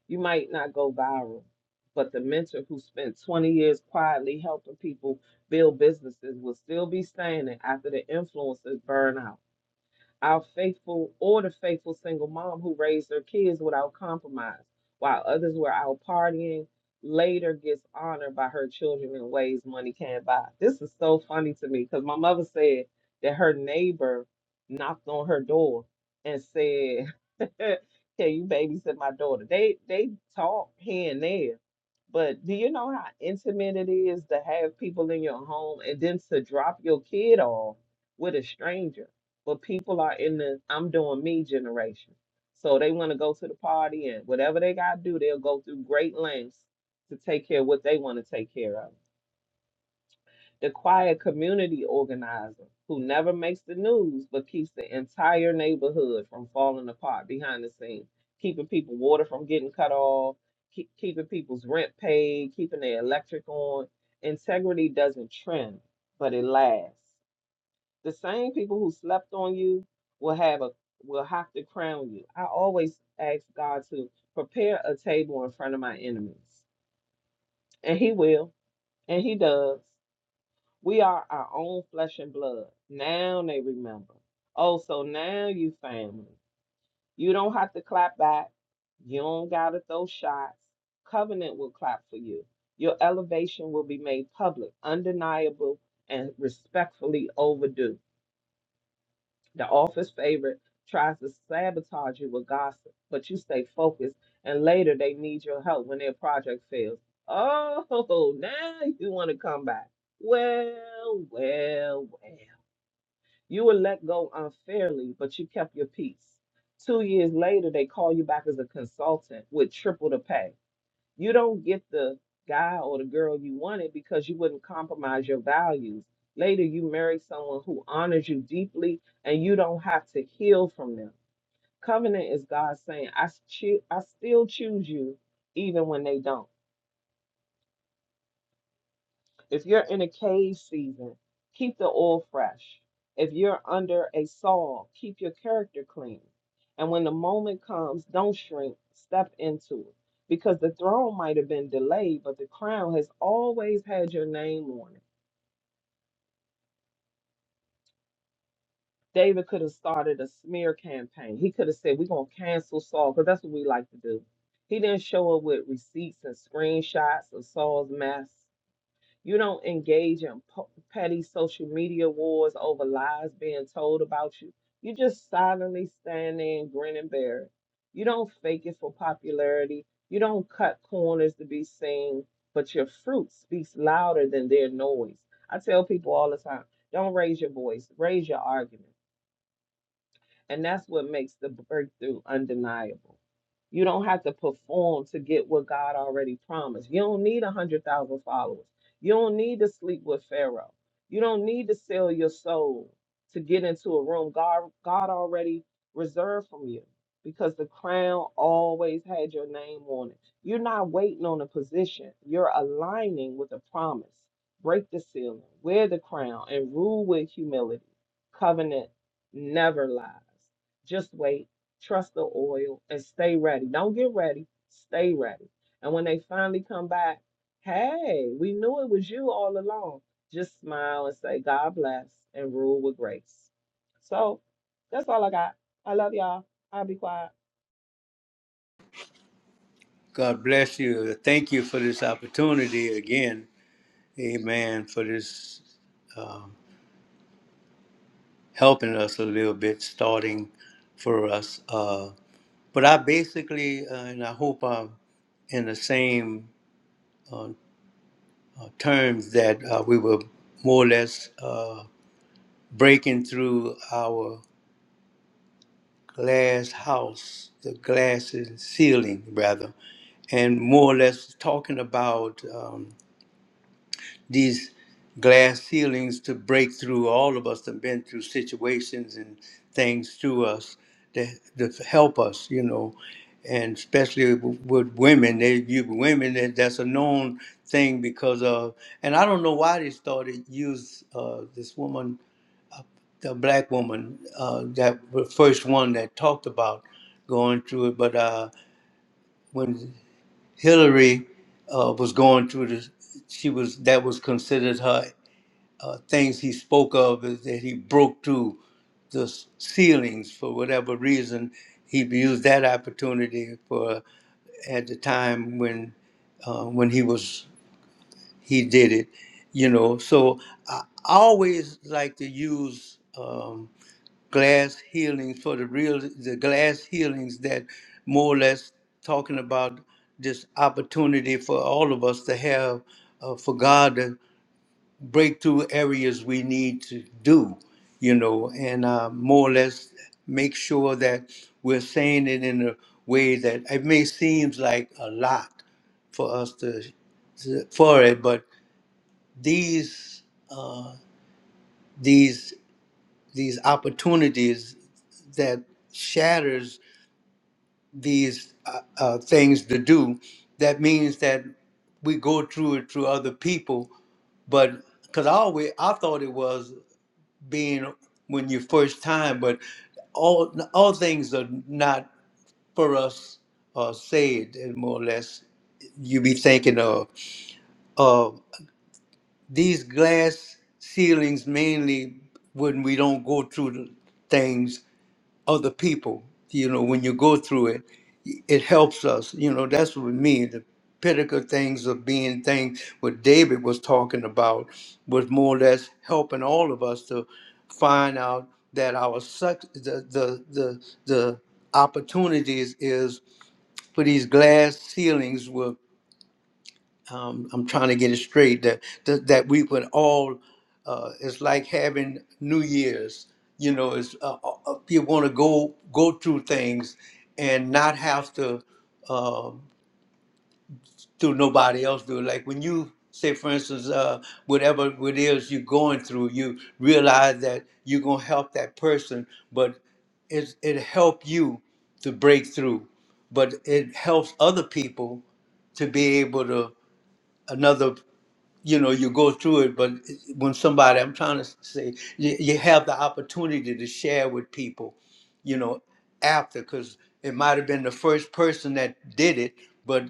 [SPEAKER 3] You might not go viral, but the mentor who spent 20 years quietly helping people build businesses will still be standing after the influences burn out. Our faithful or the faithful single mom who raised their kids without compromise, while others were out partying, later gets honored by her children in ways money can't buy. This is so funny to me because my mother said that her neighbor knocked on her door and said Can you babysit my daughter? They they talk here and there, but do you know how intimate it is to have people in your home and then to drop your kid off with a stranger? But people are in the I'm doing me generation. So they want to go to the party and whatever they gotta do, they'll go through great lengths to take care of what they want to take care of the quiet community organizer who never makes the news but keeps the entire neighborhood from falling apart behind the scenes, keeping people water from getting cut off, keep, keeping people's rent paid, keeping their electric on. Integrity doesn't trend, but it lasts. The same people who slept on you will have a will have to crown you. I always ask God to prepare a table in front of my enemies, and He will, and He does. We are our own flesh and blood. Now they remember. Oh, so now you family. You don't have to clap back. You don't gotta throw shots. Covenant will clap for you. Your elevation will be made public, undeniable, and respectfully overdue. The office favorite tries to sabotage you with gossip, but you stay focused, and later they need your help when their project fails. Oh, now you want to come back. Well, well, well. You were let go unfairly, but you kept your peace. Two years later, they call you back as a consultant with triple the pay you don't get the guy or the girl you wanted because you wouldn't compromise your values. Later, you marry someone who honors you deeply and you don't have to heal from them. Covenant is God saying, I, choo- I still choose you even when they don't. If you're in a cave season, keep the oil fresh. If you're under a Saul, keep your character clean. And when the moment comes, don't shrink, step into it. Because the throne might have been delayed, but the crown has always had your name on it. David could have started a smear campaign. He could have said, We're going to cancel Saul, because that's what we like to do. He didn't show up with receipts and screenshots of Saul's mess. You don't engage in po- petty social media wars over lies being told about you. You just silently stand there and grin and bear it. You don't fake it for popularity. You don't cut corners to be seen, but your fruit speaks louder than their noise. I tell people all the time don't raise your voice, raise your argument. And that's what makes the breakthrough undeniable. You don't have to perform to get what God already promised. You don't need a 100,000 followers. You don't need to sleep with Pharaoh. You don't need to sell your soul to get into a room God, God already reserved from you because the crown always had your name on it. You're not waiting on a position, you're aligning with a promise. Break the ceiling, wear the crown, and rule with humility, covenant never lies. Just wait, trust the oil, and stay ready. Don't get ready, stay ready. And when they finally come back, hey, we knew it was you all along. Just smile and say, God bless, and rule with grace. So that's all I got. I love y'all. I'll be quiet.
[SPEAKER 1] God bless you. Thank you for this opportunity again Amen for this um, helping us a little bit, starting for us. Uh, but I basically, uh, and I hope I'm in the same uh, uh, terms that uh, we were more or less uh, breaking through our glass house, the glass ceiling rather, and more or less talking about. Um, these glass ceilings to break through. All of us have been through situations and things to us that, that help us, you know, and especially w- with women. They, you women, that, that's a known thing because of. And I don't know why they started use uh, this woman, the black woman, uh, that the first one that talked about going through it. But uh, when Hillary uh, was going through this, she was that was considered her uh, things he spoke of is that he broke through the s- ceilings for whatever reason. He used that opportunity for at the time when uh, when he was he did it, you know. So I I always like to use um, glass healings for the real the glass healings that more or less talking about this opportunity for all of us to have uh, for God breakthrough areas we need to do, you know, and uh, more or less make sure that we're saying it in a way that it may seems like a lot for us to for it, but these these these opportunities that shatters these uh, uh, things to do, that means that we go through it through other people, but because I always I thought it was. being when you first time, but all all things are not for us or said, and more or less you be thinking of of these glass ceilings mainly when we don't go through the things other people. You know, when you go through it, it helps us. You know, that's what we mean. The pinnacle things of being things what David was talking about was more or less helping all of us to find out that our suc the the the the opportunities is for these glass ceilings um, I'm trying to get it straight that that, that we would all uh, it's like having New Year's. You know, it's uh, uh, uh, you want to go go through things and not have to um do nobody else do it. Like when you say, for instance, uh, whatever it is you're going through, you realize that you're gonna help that person, but it it help you to break through, but it helps other people to be able to another you know you go through it but when somebody i'm trying to say you, you have the opportunity to share with people you know after because it might have been the first person that did it but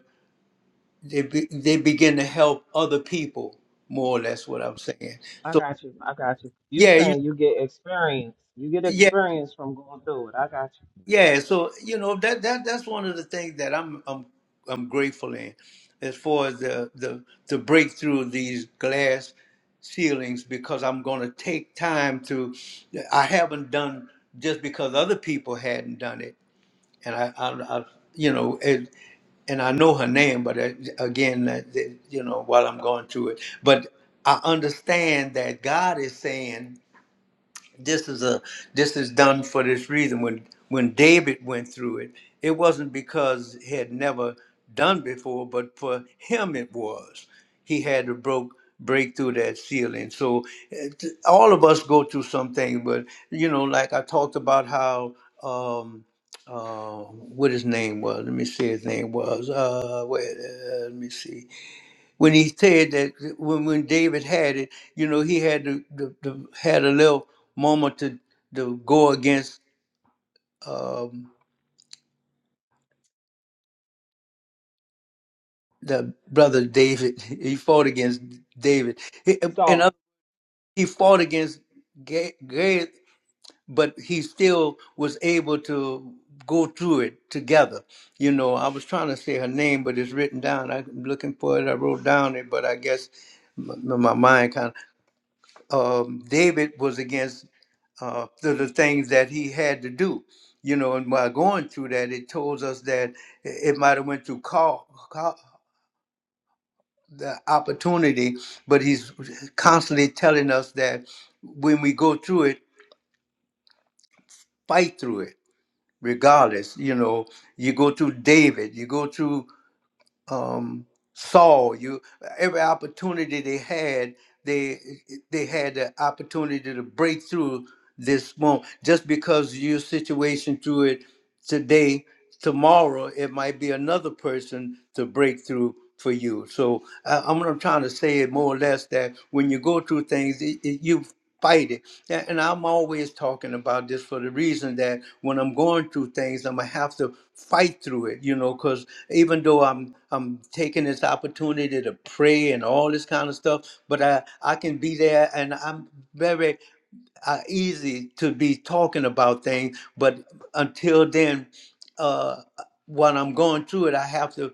[SPEAKER 1] they, be, they begin to help other people more or less what i'm saying
[SPEAKER 3] I
[SPEAKER 1] so
[SPEAKER 3] got you. I got you. You
[SPEAKER 1] yeah you
[SPEAKER 3] saying you get experience. You get
[SPEAKER 1] yeah
[SPEAKER 3] experience from going through it. I got you.
[SPEAKER 1] Yeah, so you know that that that's one of the things that I'm I'm I'm grateful in, as far as the the to break through these glass ceilings because I'm going to take time to. I haven't done just because other people hadn't done it, and I I, I you know it, and I know her name, but uh, again, that, that, you know while I'm going through it, but I understand that God is saying this is a this is done for this reason when when david went through it it wasn't because he had never done before but for him it was he had to broke break through that ceiling so it, all of us go through something but you know like i talked about how um uh what his name was let me see his name was uh wait uh, let me see when he said that when, when David had it, you know, he had the, the, the had a little moment to to go against um, the brother David. He fought against David, he, and
[SPEAKER 3] So
[SPEAKER 1] other- he fought against Ga- Gad, but he still was able to go through it together. You know, I was trying to say her name, but it's written down. I'm looking for it. I wrote down it, but I guess my, my mind kind of. um, David was against uh, the, the things that he had to do. You know, and while going through that, it tells us that it might have went through call, call the opportunity, but he's constantly telling us that when we go through it, fight through it, regardless. You know, you go through David, you go through um, Saul. You every opportunity they had, they they had the opportunity to break through this moment. Just because your situation through it today, tomorrow it might be another person to break through for you. So I, I'm, I'm trying to say it more or less that when you go through things, it, it- you fight it. A- And I'm always talking about this for the reason that when I'm going through things, I'm gonna have to fight through it, you know, because even though I'm I'm taking this opportunity to pray and all this kind of stuff, but I I can be there and I'm very uh, easy to be talking about things, but until then, uh, while I'm going through it, I have to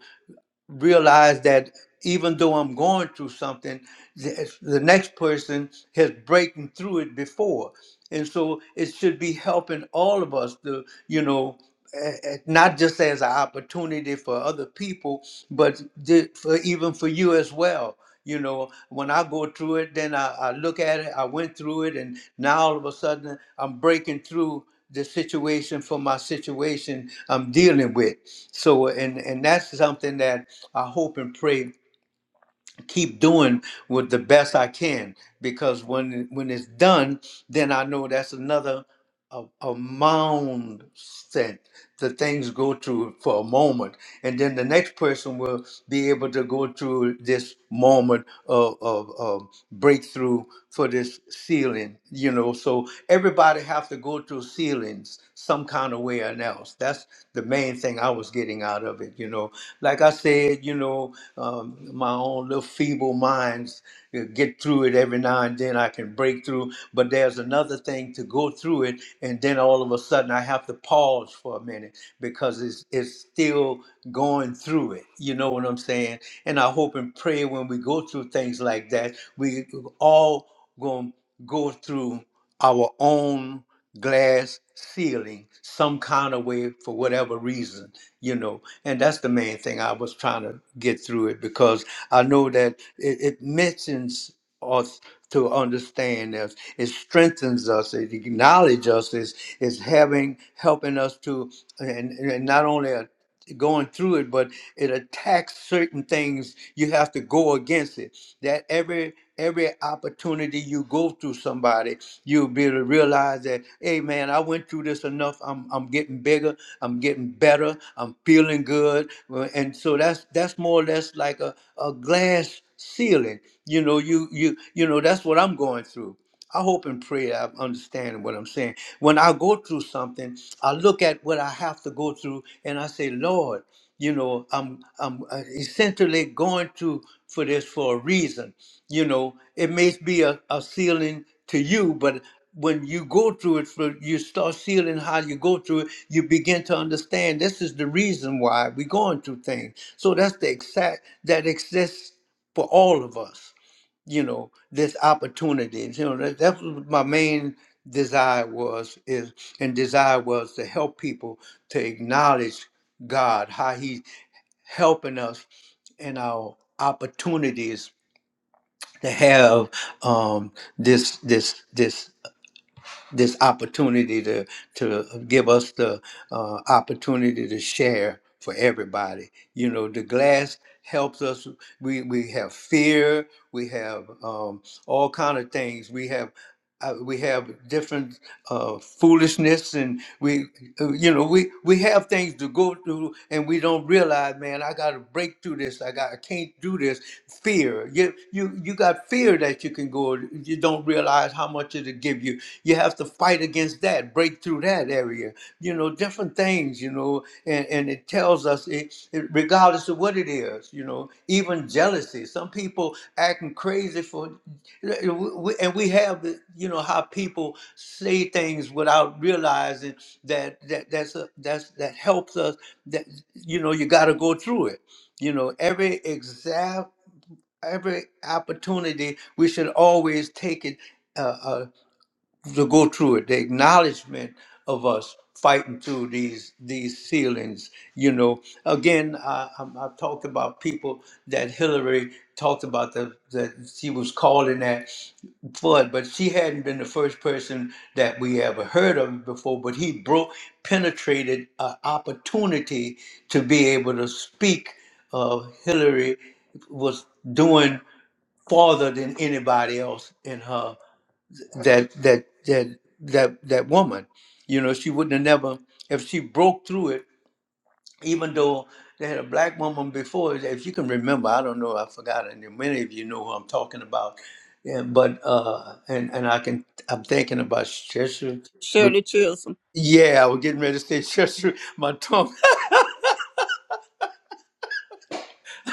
[SPEAKER 1] realize that even though I'm going through something, the the next person has breaking through it before. And so it should be helping all of us to, you know, eh, eh, not just as an opportunity for other people, but ju- for even for you as well. You know, when I go through it, then I, I look at it, I went through it, and now all of a sudden I'm breaking through the situation for my situation I'm dealing with. So, and, and that's something that I hope and pray keep doing with the best I can because when when it's done, then I know that's another a, a mound set that things go through for a moment, and then the next person will be able to go through this moment of, of, of breakthrough for this ceiling. You know, so everybody have to go through ceilings some kind of way or else. That's the main thing I was getting out of it, you know. Like I said, you know, um, my own little feeble minds uh, get through it every now and then. I can break through, but there's another thing to go through it, and then all of a sudden I have to pause for a minute because it's it's still going through it. You know what I'm saying? And I hope and pray when we go through things like that, we all gonna go through our own glass ceiling some kind of way for whatever reason you know and that's the main thing i was trying to get through it because i know that it, it mentions us to understand us it strengthens us it acknowledges us is is having helping us to and, and not only going through it, but it attacks certain things. You have to go against it. That every every opportunity you go through somebody, you'll be able to realize that, hey man, I went through this enough. I'm I'm getting bigger. I'm getting better. I'm feeling good. Well, And so that's that's more or less like a, a glass ceiling. You know, you you you know that's what I'm going through. I hope and pray I'm understanding what I'm saying. When I go through something, I look at what I have to go through and I say, Lord, you know, I'm I'm uh, essentially going through for this for a reason. You know, it may be a, a ceiling to you, but when you go through it, for, you start sealing how you go through it, you begin to understand this is the reason why we're going through things. So that's the exact that exists for all of us you know this opportunities you know that, that's what my main desire was is and desire was to help people to acknowledge god how he's helping us in our opportunities to have um this this this this opportunity to to give us the uh, opportunity to share for everybody. You know, the glass helps us. We we have fear. We have um, all kind of things. We have. Uh, we have different uh, foolishness, and we, uh, you know, we we have things to go through, and we don't realize, man. I got to break through this. I got, I can't do this. Fear. You, you, you got that fear that you can go, you don't realize how much it'll give you. You have to fight against that, break through that area, you know, different things, you know, and, and it tells us, it, it, regardless of what it is, you know, even jealousy. Some people acting crazy for, and we have, the, you know, how people say things without realizing that, that that's a, that's that helps us. That you know, you got to go through it you know every every opportunity, we should always take it uh, uh, to go through it. The acknowledgement of us fighting through these these ceilings. You know, again, I, I'm- I've talked about people that Hillary talked about the, that she was calling that flood, but she hadn't been the first person that we ever heard of before. But he broke, penetrated an opportunity to be able to speak. Uh, Hillary was doing farther than anybody else in her that that that that that woman you know she wouldn't have never if she broke through it even though they had a black woman before if you can remember i don't know i forgot and many of you know who i'm talking about yeah, but uh and and i can i'm thinking about Cheshire. But
[SPEAKER 4] Shirley Chisholm.
[SPEAKER 1] yeah i was getting ready to say Cheshire. my tongue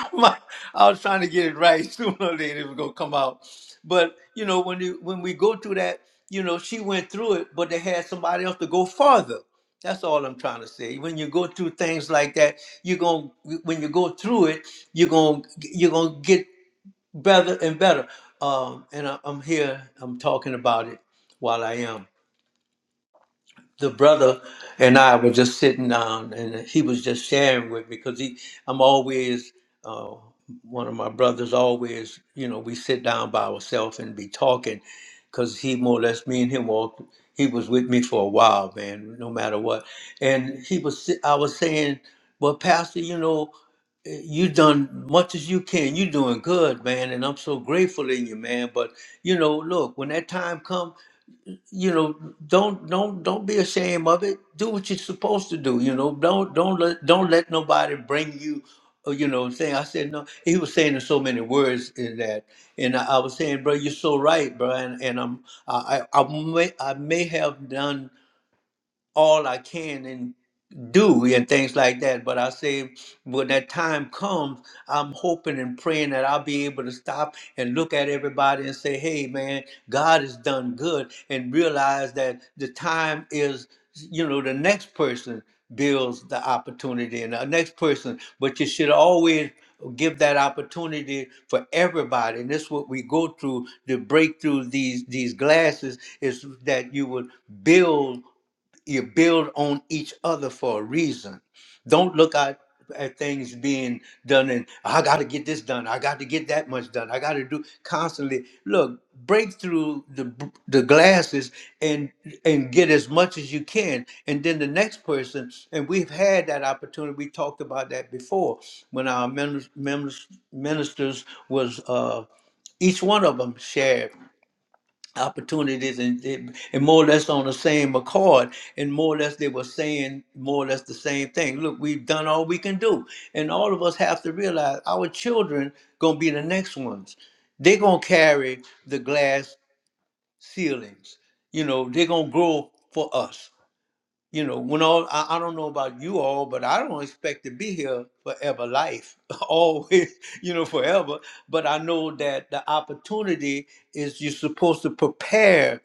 [SPEAKER 1] my, I was trying to get it right. Sooner or later, it was gonna come out. But you know, when you when we go through that, you know, she went through it, but they had somebody else to go farther. That's all I'm trying to say. When you go through things like that, you're gonna when you go through it, you're gonna you're gonna get better and better. Um, and I, I'm here. I'm talking about it while I am the brother and I were just sitting down, and he was just sharing with me because he, I'm always, uh, one of my brothers always, you know, we sit down by ourselves and be talking, because he more or less me and him walked. He was with me for a while, man, no matter what. And he was, si- I was saying, well, Pastor, you know, eh, you done much as you can. You doing good, man, and I'm so grateful in you, man. But you know, look, when that time comes you know don't don't don't be ashamed of it do what you're supposed to do you know don't don't let don't let nobody bring you uh, you know saying i said no he was saying in so many words in that and i, I was saying bro you're so right bro and, and i'm I, I i may i may have done all i can in do and things like that. But I say when that time comes, I'm hoping and praying that I'll be able to stop and look at everybody and say, hey man, God has done good and realize that the time is, you know, the next person builds the opportunity and the next person. But you should always give that opportunity for everybody and this is what we go through to break through these these glasses is that you would build you build on each other for a reason. Don't look at, at things being done and I got to get this done. I got to get that much done. I got to do constantly. Look, break through the b- the glasses and and get as much as you can. And then the next person. And we've had that opportunity. We talked about that before when our members, members ministers was. Uh, each one of them shared opportunities and, and and more or less on the same accord and more or less they were saying more or less the same thing look we've done all we can do and all of us have to realize our children gonna be the next ones they're gonna carry the glass ceilings you know they're gonna grow for us you know, when all I, I don't know about you all, but I don't expect to be here forever life, always, you know, forever. But I know that the opportunity is you're supposed to prepare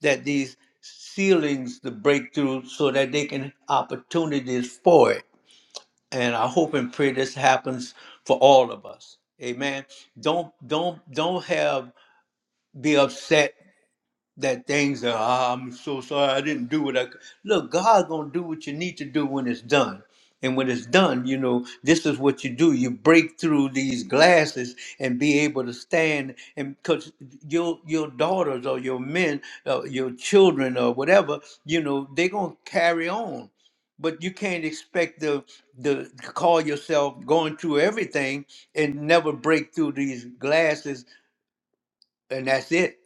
[SPEAKER 1] that these ceilings to break through so that they can opportunities for it. And I hope and pray this happens for all of us. Amen. Don't don't don't have be upset that things are "Ah, I'm so sorry I didn't do what I could. look God gonna do what you need to do when it's done. And when it's done, you know, this is what you do. You break through these glasses and be able to stand. And because your your daughters or your men, uh, your children or whatever, you know, they're going to carry on. But you can't expect the, the to call yourself going through everything and never break through these glasses and that's it.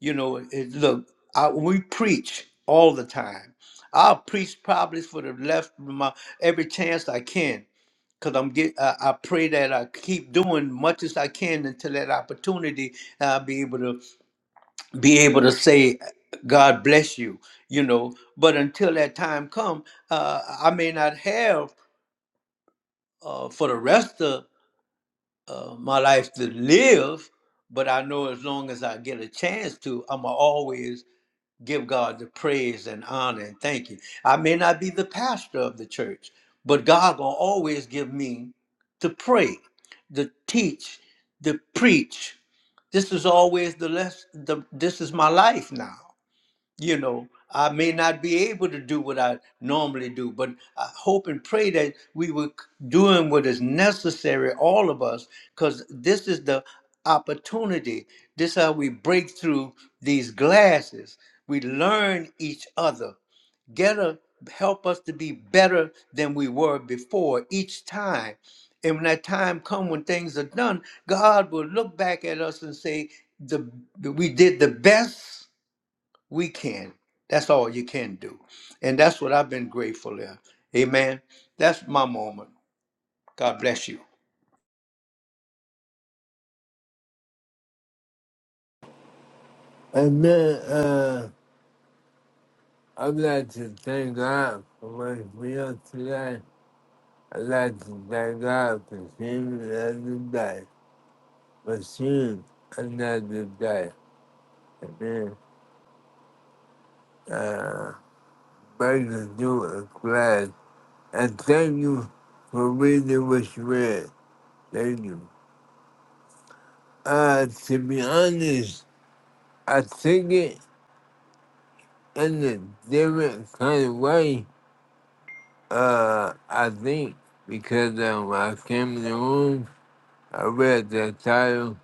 [SPEAKER 1] You know, it, look, I, we preach all the time. I'll preach probably for the left of my every chance I can, cause I'm get. I, I pray that I keep doing much as I can until that opportunity. and I'll be able to be able to say, God bless you. You know, but until that time come, uh, I may not have uh, for the rest of uh, my life to live. But I know as long as I get a chance to, I'm always give God the praise and honor and thank you. I may not be the pastor of the church, but God will always give me to pray, to teach, to preach. This is always the less the this is my life now you know, I may not be able to do what I normally do, but I hope and pray that we were doing what is necessary, all of us, because this is the opportunity. This is how we break through these glasses. We learn each other. Get a help us to be better than we were before each time. And when that time come when things are done, God will look back at us and say, the, we did the best we can. That's all you can do. And that's what I've been grateful of. Amen. That's my moment. God bless you.
[SPEAKER 2] And then, uh, I'd like to thank God for my meal today. I'd like to thank God for seeing another day, for seeing another day. Amen. Uh, Break the new and glad. And thank you for reading what you read. Thank you. Uh, to be honest, I think it in a different kind of way. Uh, I think because um, I came in the room, I read the title,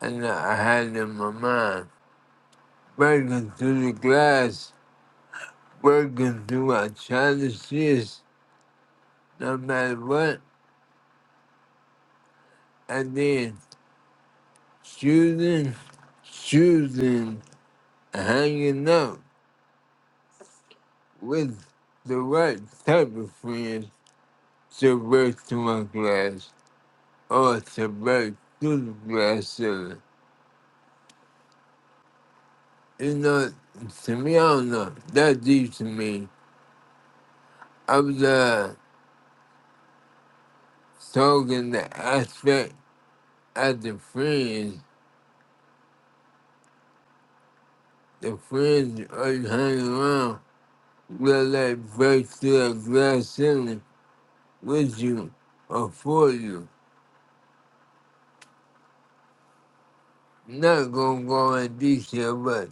[SPEAKER 2] and I had it in my mind. Breaking through the glass, breaking through our challenges, no matter what. I did. Students, choosing hanging out with the right type of friends to break through my glass or to break through the glass ceiling. You know, to me, I don't know. That deep to me. I was uh, talking the aspect of the friends. The friends are hanging around will like break through the glass ceiling with you or for you. not gonna go in detail, but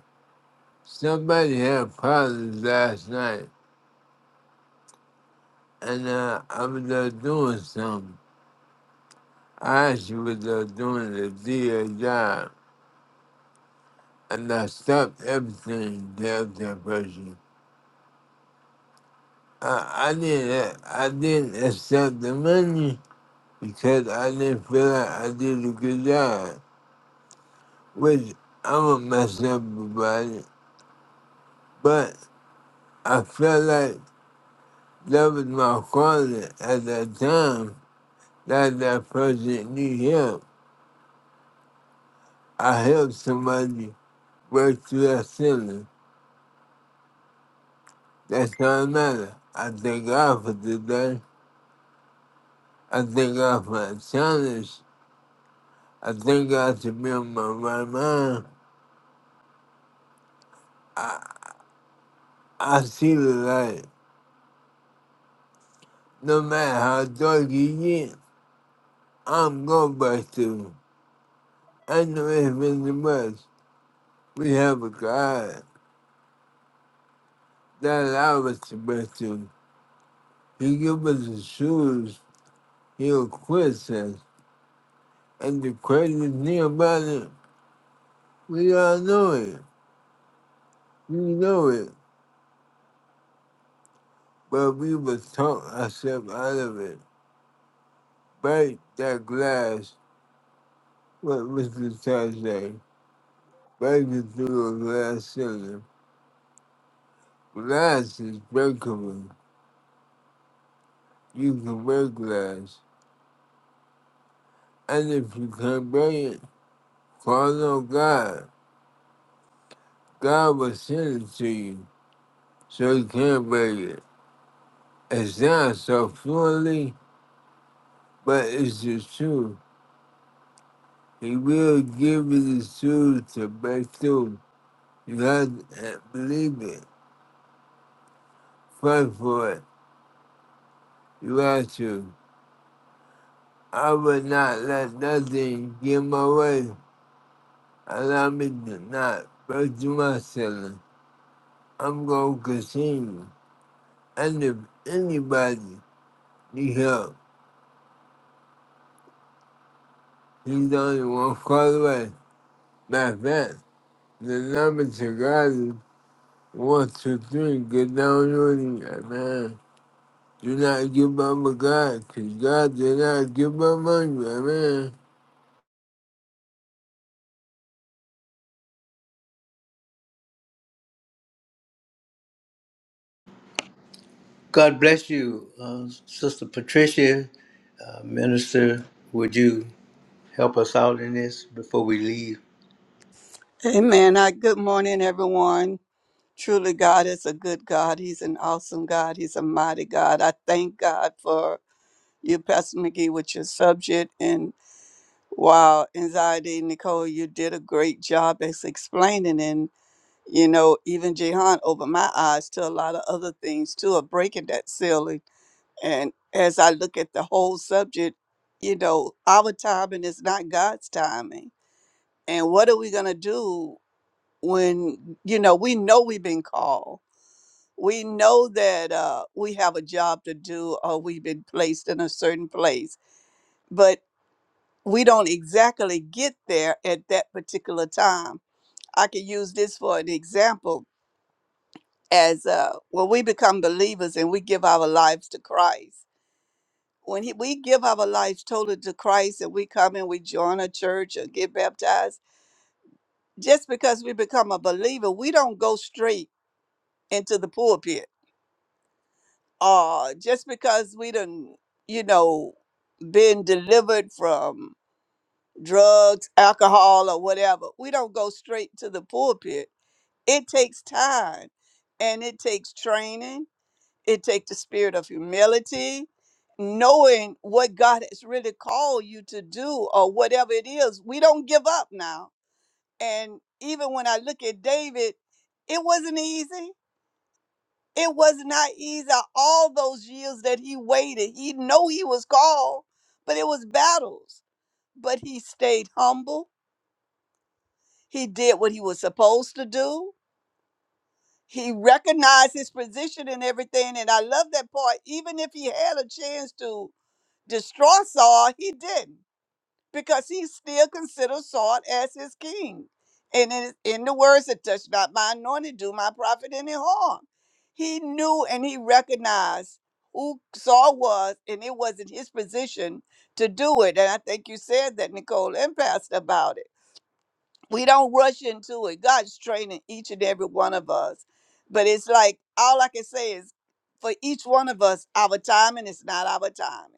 [SPEAKER 2] somebody had problems last night, and uh, I was there doing something. I actually was there doing the DA job, and I stopped everything to help that person. I, I didn't I didn't accept the money because I didn't feel like I did a good job, which I'm a mess up about it. But I felt like that was my quality at that time That's that person need help. I help somebody break through that ceiling. That's all that matters. I thank God for today. I thank God for the challenge. I thank God to be on my right mind. I see the light. No matter how dark it get, I'm going back to. I know it's been the best. We have a God that allows us to break through. He gives us the shoes. He equips us. And the crazy thing about it, we all know it. We know it. But we was talk ourselves out of it. Break that glass, what Mr. Todd say. Break it through a glass ceiling. Glass is breakable. You can break glass. And if you can't break it, call on God. God will send it to you so you can break it. It sounds so fluently, but it's the truth. He will give me the tools to break through. You have to believe it. Fight for it. You have to. I will not let nothing get in my way. Allow me to not break through my ceiling. I'm going to continue. And if anybody need help, he's only one call away. Matter of fact, the number to God is one, two, three. Get down on you, man. Do not give up a God, because God did not give up on you. Amen.
[SPEAKER 1] God bless you, uh, Sister Patricia, uh, Minister. Would you help us out in this before we leave?
[SPEAKER 4] Amen. I, good morning, everyone. Truly, God is a good God. He's an awesome God. He's a mighty God. I thank God for you, Pastor McGee, with your subject. And wow, anxiety, Nicole, you did a great job as explaining. And, you know, even Jehan over my eyes to a lot of other things too, of breaking that ceiling. And as I look at the whole subject, you know, our timing is not God's timing. And what are we going to do? when you know we know we've been called we know that uh, we have a job to do or we've been placed in a certain place but we don't exactly get there at that particular time i could use this for an example as uh, when we become believers and we give our lives to christ when he, we give our lives totally to christ and we come and we join a church or get baptized just because we become a believer we don't go straight into the pulpit uh just because we done you know been delivered from drugs alcohol or whatever we don't go straight to the pulpit it takes time and it takes training it takes the spirit of humility knowing what god has really called you to do or whatever it is we don't give up now and even when i look at david it wasn't easy it was not easy all those years that he waited. He know he was called, but it was battles. But he stayed humble. He did what he was supposed to do. He recognized his position and everything. And I love that part. Even if he had a chance to destroy Saul, he didn't. because he still considered Saul as his king. And in, in the words that touch not my anointed, do my prophet any harm. He knew and he recognized who Saul was, and it wasn't his position to do it. And I think you said that, Nicole and Pastor, about it we don't rush into it. God's training each and every one of us. But it's like all I can say is for each one of us, our timing is not our timing.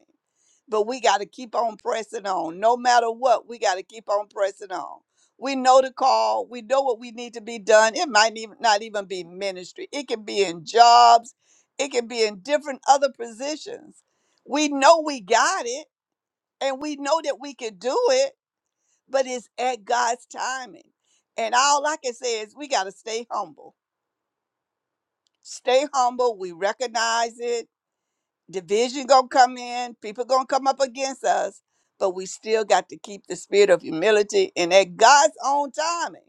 [SPEAKER 4] But we got to keep on pressing on. No matter what, we got to keep on pressing on. We know the call. We know what we need to be done. It might even not even be ministry. It can be in jobs. It can be in different other positions. We know we got it and we know that we can do it but it's at God's timing. And all I can say is we got to stay humble. Stay humble. We recognize it. Division going to come in. People going to come up against us, but we still got to keep the spirit of humility and at God's own timing,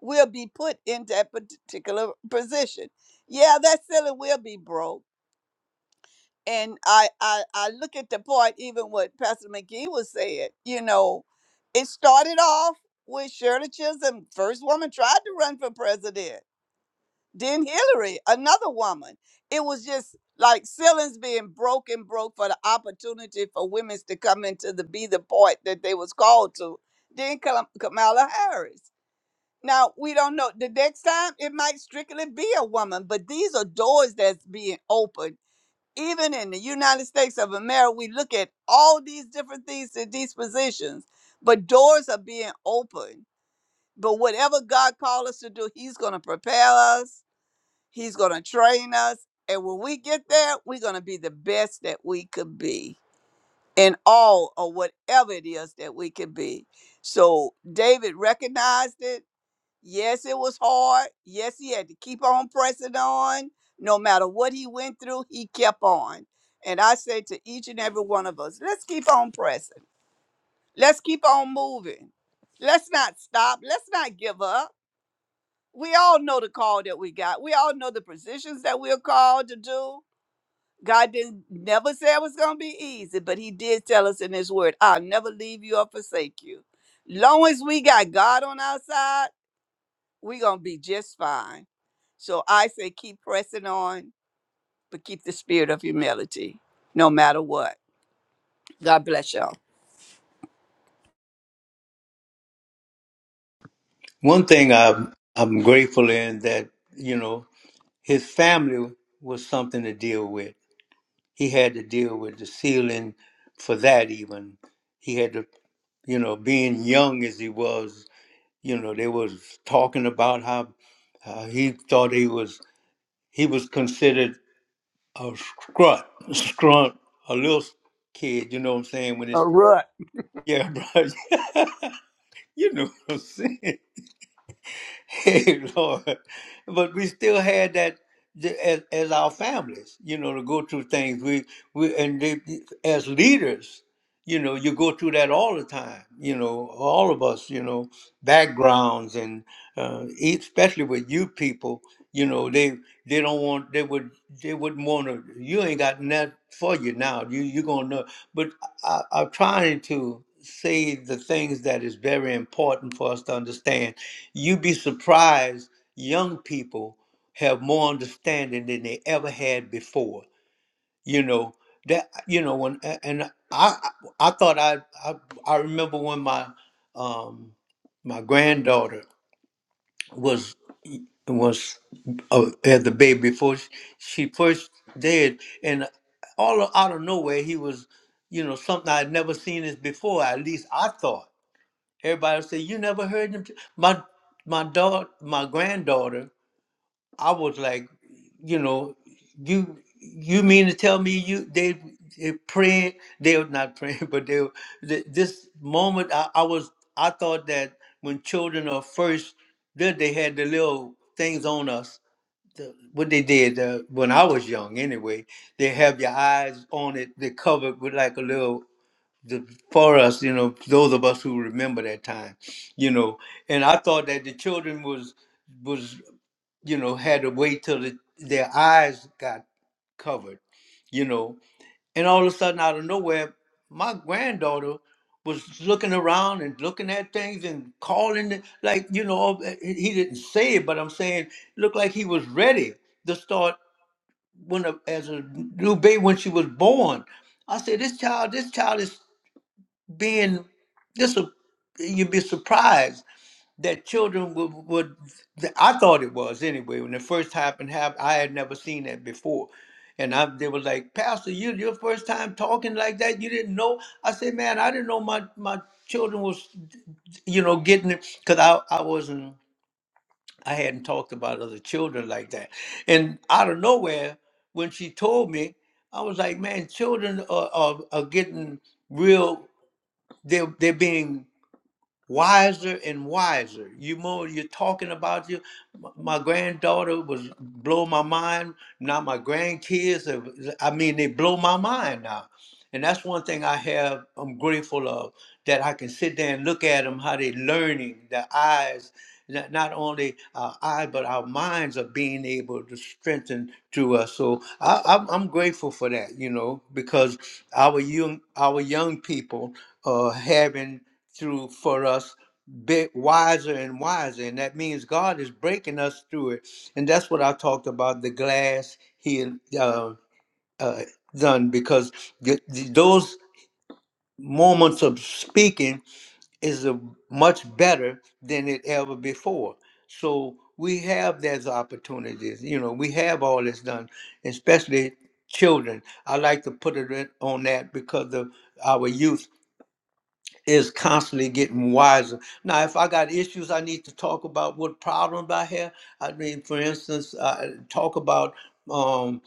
[SPEAKER 4] we'll be put in that particular position. Yeah, that silly will be broke and I, I I look at the part even what Pastor McGee was saying. You know, it started off with Shirley Chisholm, first woman tried to run for president. Then Hillary, another woman. It was just like ceilings being broken, broke for the opportunity for women to come into the be the part that they was called to. Then Kam- Kamala Harris. Now we don't know. The next time it might strictly be a woman, but these are doors that's being opened even in the United States of America, we look at all these different things and these positions, but doors are being opened. But whatever God called us to do, He's going to prepare us, He's going to train us. And when we get there, we're going to be the best that we could be in all of whatever it is that we could be. So David recognized it Yes, it was hard. Yes, he had to keep on pressing on. No matter what he went through, he kept on. And I say to each and every one of us, let's keep on pressing. Let's keep on moving. Let's not stop. Let's not give up. We all know the call that we got. We all know the positions that we're called to do. God didn't never say it was going to be easy, but he did tell us in his word, I'll never leave you or forsake you. Long as we got God on our side, we're going to be just fine. So I say keep pressing on, but keep the spirit of humility no matter what. God bless y'all.
[SPEAKER 1] One thing I'm, I'm grateful in that, you know, his family was something to deal with. He had to deal with the ceiling for that, even. He had to, you know, being young as he was you know they was talking about how uh, he thought he was he was considered a scrunt scrunt a little kid you know what i'm saying when it's
[SPEAKER 4] All right.
[SPEAKER 1] yeah bro you know what i'm saying hey lord but we still had that th- as, as our families you know to go through things we we and they, as leaders you know you go through that all the time you know all of us you know backgrounds and uh, e, especially with you people you know they they don't want they would they wouldn't want to you ain't got nothing for you now you you're gonna know but I, i'm trying to say the things that is very important for us to understand you'd be surprised young people have more understanding than they ever had before you know that you know when a- and i i thought i i, I remember when my um my granddaughter was was uh, had the baby before she, she first did and all out of nowhere he was you know something i'd never seen this before at least i thought everybody would say you never heard him t-" my my daughter my granddaughter I was like, you know, you you mean to tell me you they, they praying? They were not praying, but they were th- this moment. I, I was I thought that when children are first, then they had the little things on us. The, what they did uh, when I was young, anyway, they have your eyes on it. They covered with like a little. The, for us, you know, those of us who remember that time, you know, and I thought that the children was was you know, had to wait till the, their eyes got covered, you know. And all of a sudden, out of nowhere, my granddaughter was looking around and looking at things and calling it like you know uh, he he didn't say it but i'm saying it looked like he was ready to start when a, as a new baby when she was born i said this child this child is being this will you'd be surprised that children would, would I thought it was anyway when it first happened happened I had never seen that before and I they were like pastor you your first time talking like that you didn't know I said man I didn't know my my children was you know getting it because I, I wasn't I hadn't talked about other children like that and out of nowhere when she told me I was like man children are, are, are getting real they're, they're being wiser and wiser. You more you're talking about you. m- My granddaughter was blow my mind. Now my grandkids, have- I mean, they blow my mind now. And that's one thing I have. I'm grateful of that I can sit there and look at them how they learning. Their eyes, not not only our eyes but our minds are being able to strengthen through us. So I, I'm, I'm grateful for that, you know, because our young our young people are having through for us bit wiser and wiser and that means god is breaking us through it and that's what i talked about the glass he uh, uh, done because th- th- those moments of speaking is a much better than it ever before so we have those opportunities you know we have all this done especially children i like to put it in- on that because of our youth is constantly getting wiser. Now, if I got issues, I need to talk about what problems I have. I mean, for instance, I talk about um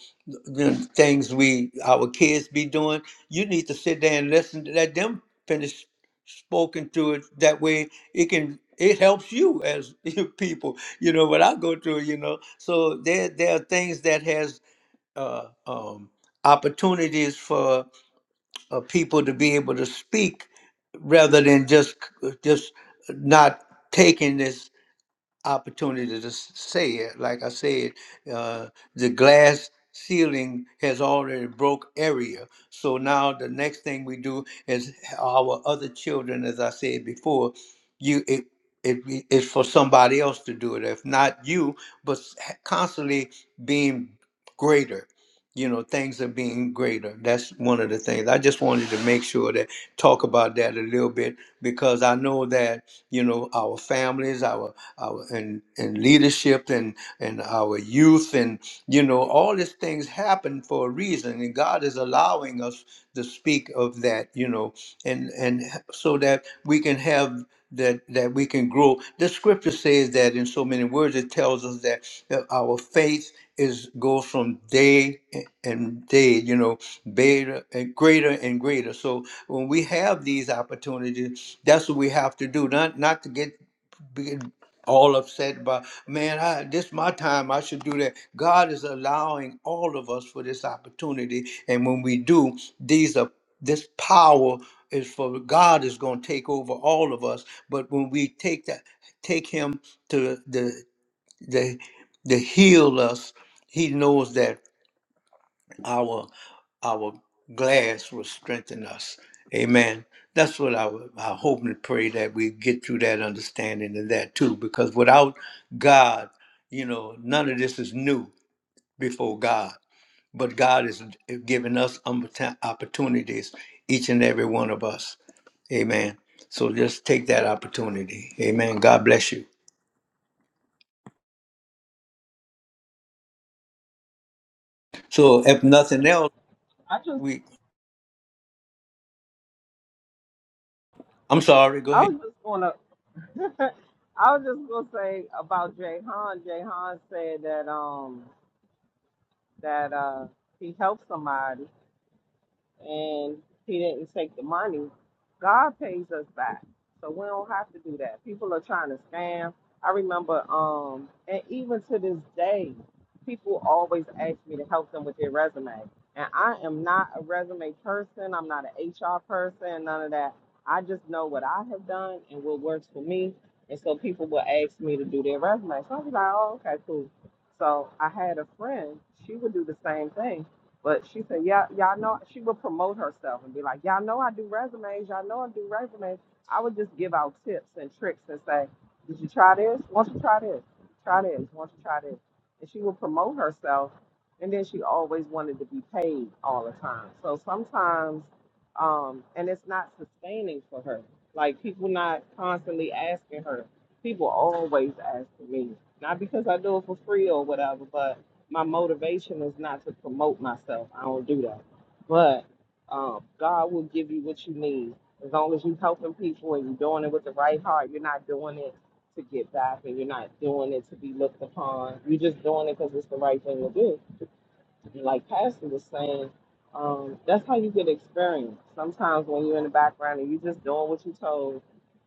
[SPEAKER 1] the things we our kids be doing. You need to sit there and listen to let them finish spoken to it. That way, it can it helps you as you people. You know what I go through. You know, so there there are things that has uh, um, opportunities for uh, people to be able to speak rather than just just not taking this opportunity to s- say it. Like I said, uh, the glass ceiling has already broke area. So now the next thing we do is our other children, as I said before, you it, it it's for somebody else to do it. If not you, but s- constantly being greater you know things are being greater that's one of the things i just wanted to make sure that talk about that a little bit because i know that you know our families our our and and leadership and and our youth and you know all these things happen for a reason and god is allowing us to speak of that you know and and so that we can have that that we can grow. The scripture says that in so many words. It tells us that uh, our faith is goes from day a- and day, you know, beta and greater and greater. So when we have these opportunities, that's what we have to do. Not not to get be all upset about man I, this my time i should do that god is allowing all of us for this opportunity and when we do these are this power is for god is going to take over all of us but when we take that take him to the the the heal us he knows that our our glass will strengthen us. Amen. That's what I, would- I hope and pray that we get through that understanding and that too, because without God, you know, none of this is new before God. But God is giving us oppor- opportunities, each and every one of us. Amen. So just take that opportunity. Amen. God bless you. So if nothing else,
[SPEAKER 3] I just
[SPEAKER 1] we I'm sorry. Go ahead.
[SPEAKER 3] I was just gonna I was just gonna say about Jay Han. Jay Han said that um that uh he helped somebody and he didn't take the money, God pays us back. So we don't have to do that. People are trying to scam. I remember, um, and even to this day, people always ask me to help them with their resume. And I am not a resume person. I'm not an HR person, none of that. I just know what I have done and what works for me. And so people will ask me to do their resume. So I was like, oh, okay, cool. So I had a friend, she would do the same thing but she said, "Yeah, y'all know." She would promote herself and be like, "Y'all know I do resumes. Y'all know I do resumes." I would just give out tips and tricks and say, "Did you try this? Once you try this, try this. Once you try this," and she would promote herself. And then she always wanted to be paid all the time. So sometimes, um, and it's not sustaining for her. Like people not constantly asking her. People always asking me, not because I do it for free or whatever, but my motivation is not to promote myself. I don't do that. But um, God will give you what you need as long as you're helping people and you're doing it with the right heart. You're not doing it to get back and you're not doing it to be looked upon. You're just doing it because it's the right thing to do. And like Pastor was saying, um, that's how you get experience. Sometimes when you're in the background and you're just doing what you're told,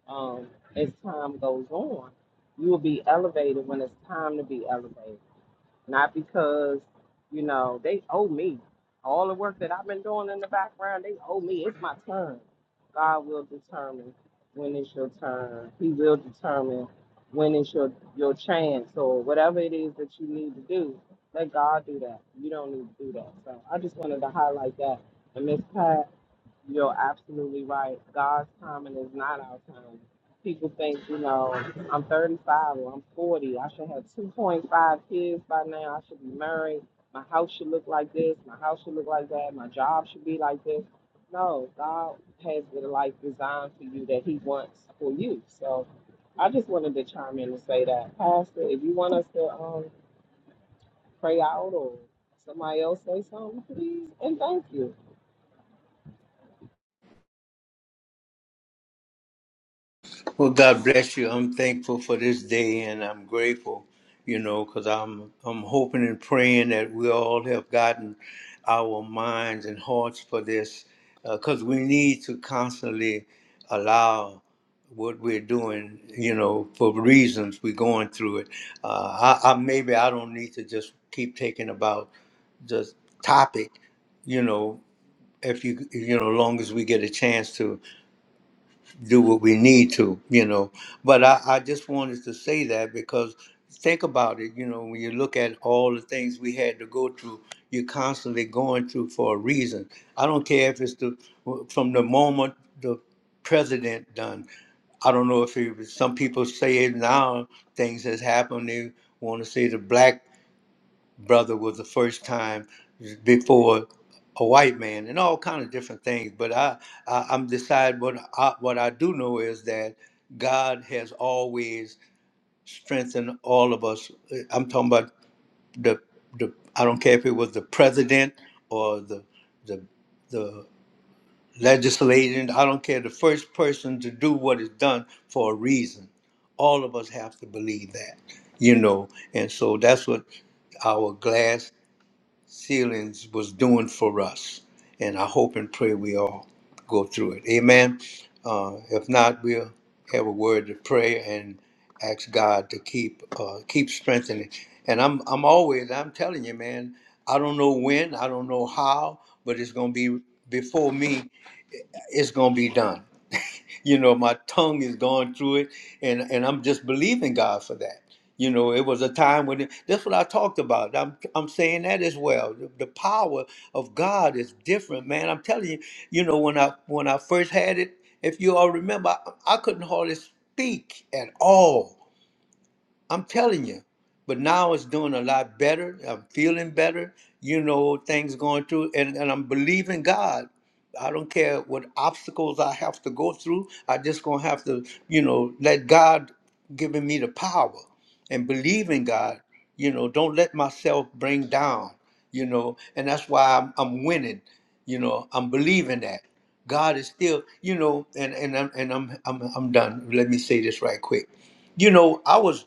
[SPEAKER 3] um, as time goes on, you will be elevated when it's time to be elevated not because you know they owe me all the work that I've been doing in the background. They owe me. It's my turn. God will determine when it's your turn. He will determine when it's your your chance or whatever it is that you need to do. Let God do that. You don't need to do that. So I just wanted to highlight that. And Miss Pat. You're absolutely right. God's timing is not our time. People think, you know, I'm 35 or I'm 40. I should have 2.5 kids by now. I should be married. My house should look like this. My house should look like that. My job should be like this. No, God has the life designed for you that He wants for you. So I just wanted to chime in and say that. Pastor, if you want us to um, pray out or somebody else say something, please and thank you.
[SPEAKER 1] Well, God bless you. I'm thankful for this day, and I'm grateful, you know, because I'm I'm hoping and praying that we all have gotten our minds and hearts for this, because we need to constantly allow what we're doing, you know, for reasons we're going through it. Uh, I, I maybe I don't need to just keep taking about the topic, you know, if you you know, long as we get a chance to do what we need to, you know. But I, I just wanted to say that because think about it, you know, when you look at all the things we had to go through, you're constantly going through for a reason. I don't care if it's the from the moment the president done. I don't know if it was, some people say it now things has happened. They want to say the black brother was the first time before a white man and all kind of different things but i, I i'm decide what I, what i do know is that god has always strengthened all of us i'm talking about the the i don't care if it was the president or the the the legislator i don't care the first person to do what is done for a reason all of us have to believe that you know and so that's what our glass Ceilings was doing for us. And I hope and pray we all go through it. Amen. Uh, if not, we'll have a word of prayer and ask God to keep uh, keep strengthening. And I'm I'm always I'm telling you, man. I don't know when, I don't know how, but it's gonna be before me it's gonna be done. you know, my tongue is going through it, and and I'm just believing God for that. You know, it was a time when that's what I talked about. I'm I'm saying that as well. The, the power of God is different, man. I'm telling you. You know, when I when I first had it, if you all remember, I, I couldn't hardly speak at all. I'm telling you. But now it's doing a lot better. I'm feeling better. You know, things going through, and, and I'm believing God. I don't care what obstacles I have to go through. I just gonna have to, you know, let God giving me the power and believe in God. You know, don't let myself bring down. You know, and that's why I'm, I'm winning. You know, I'm believing that God is still. You know, and and I'm and I'm I'm I'm done. Let me say this right quick you know, I was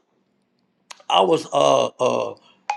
[SPEAKER 1] I was uh uh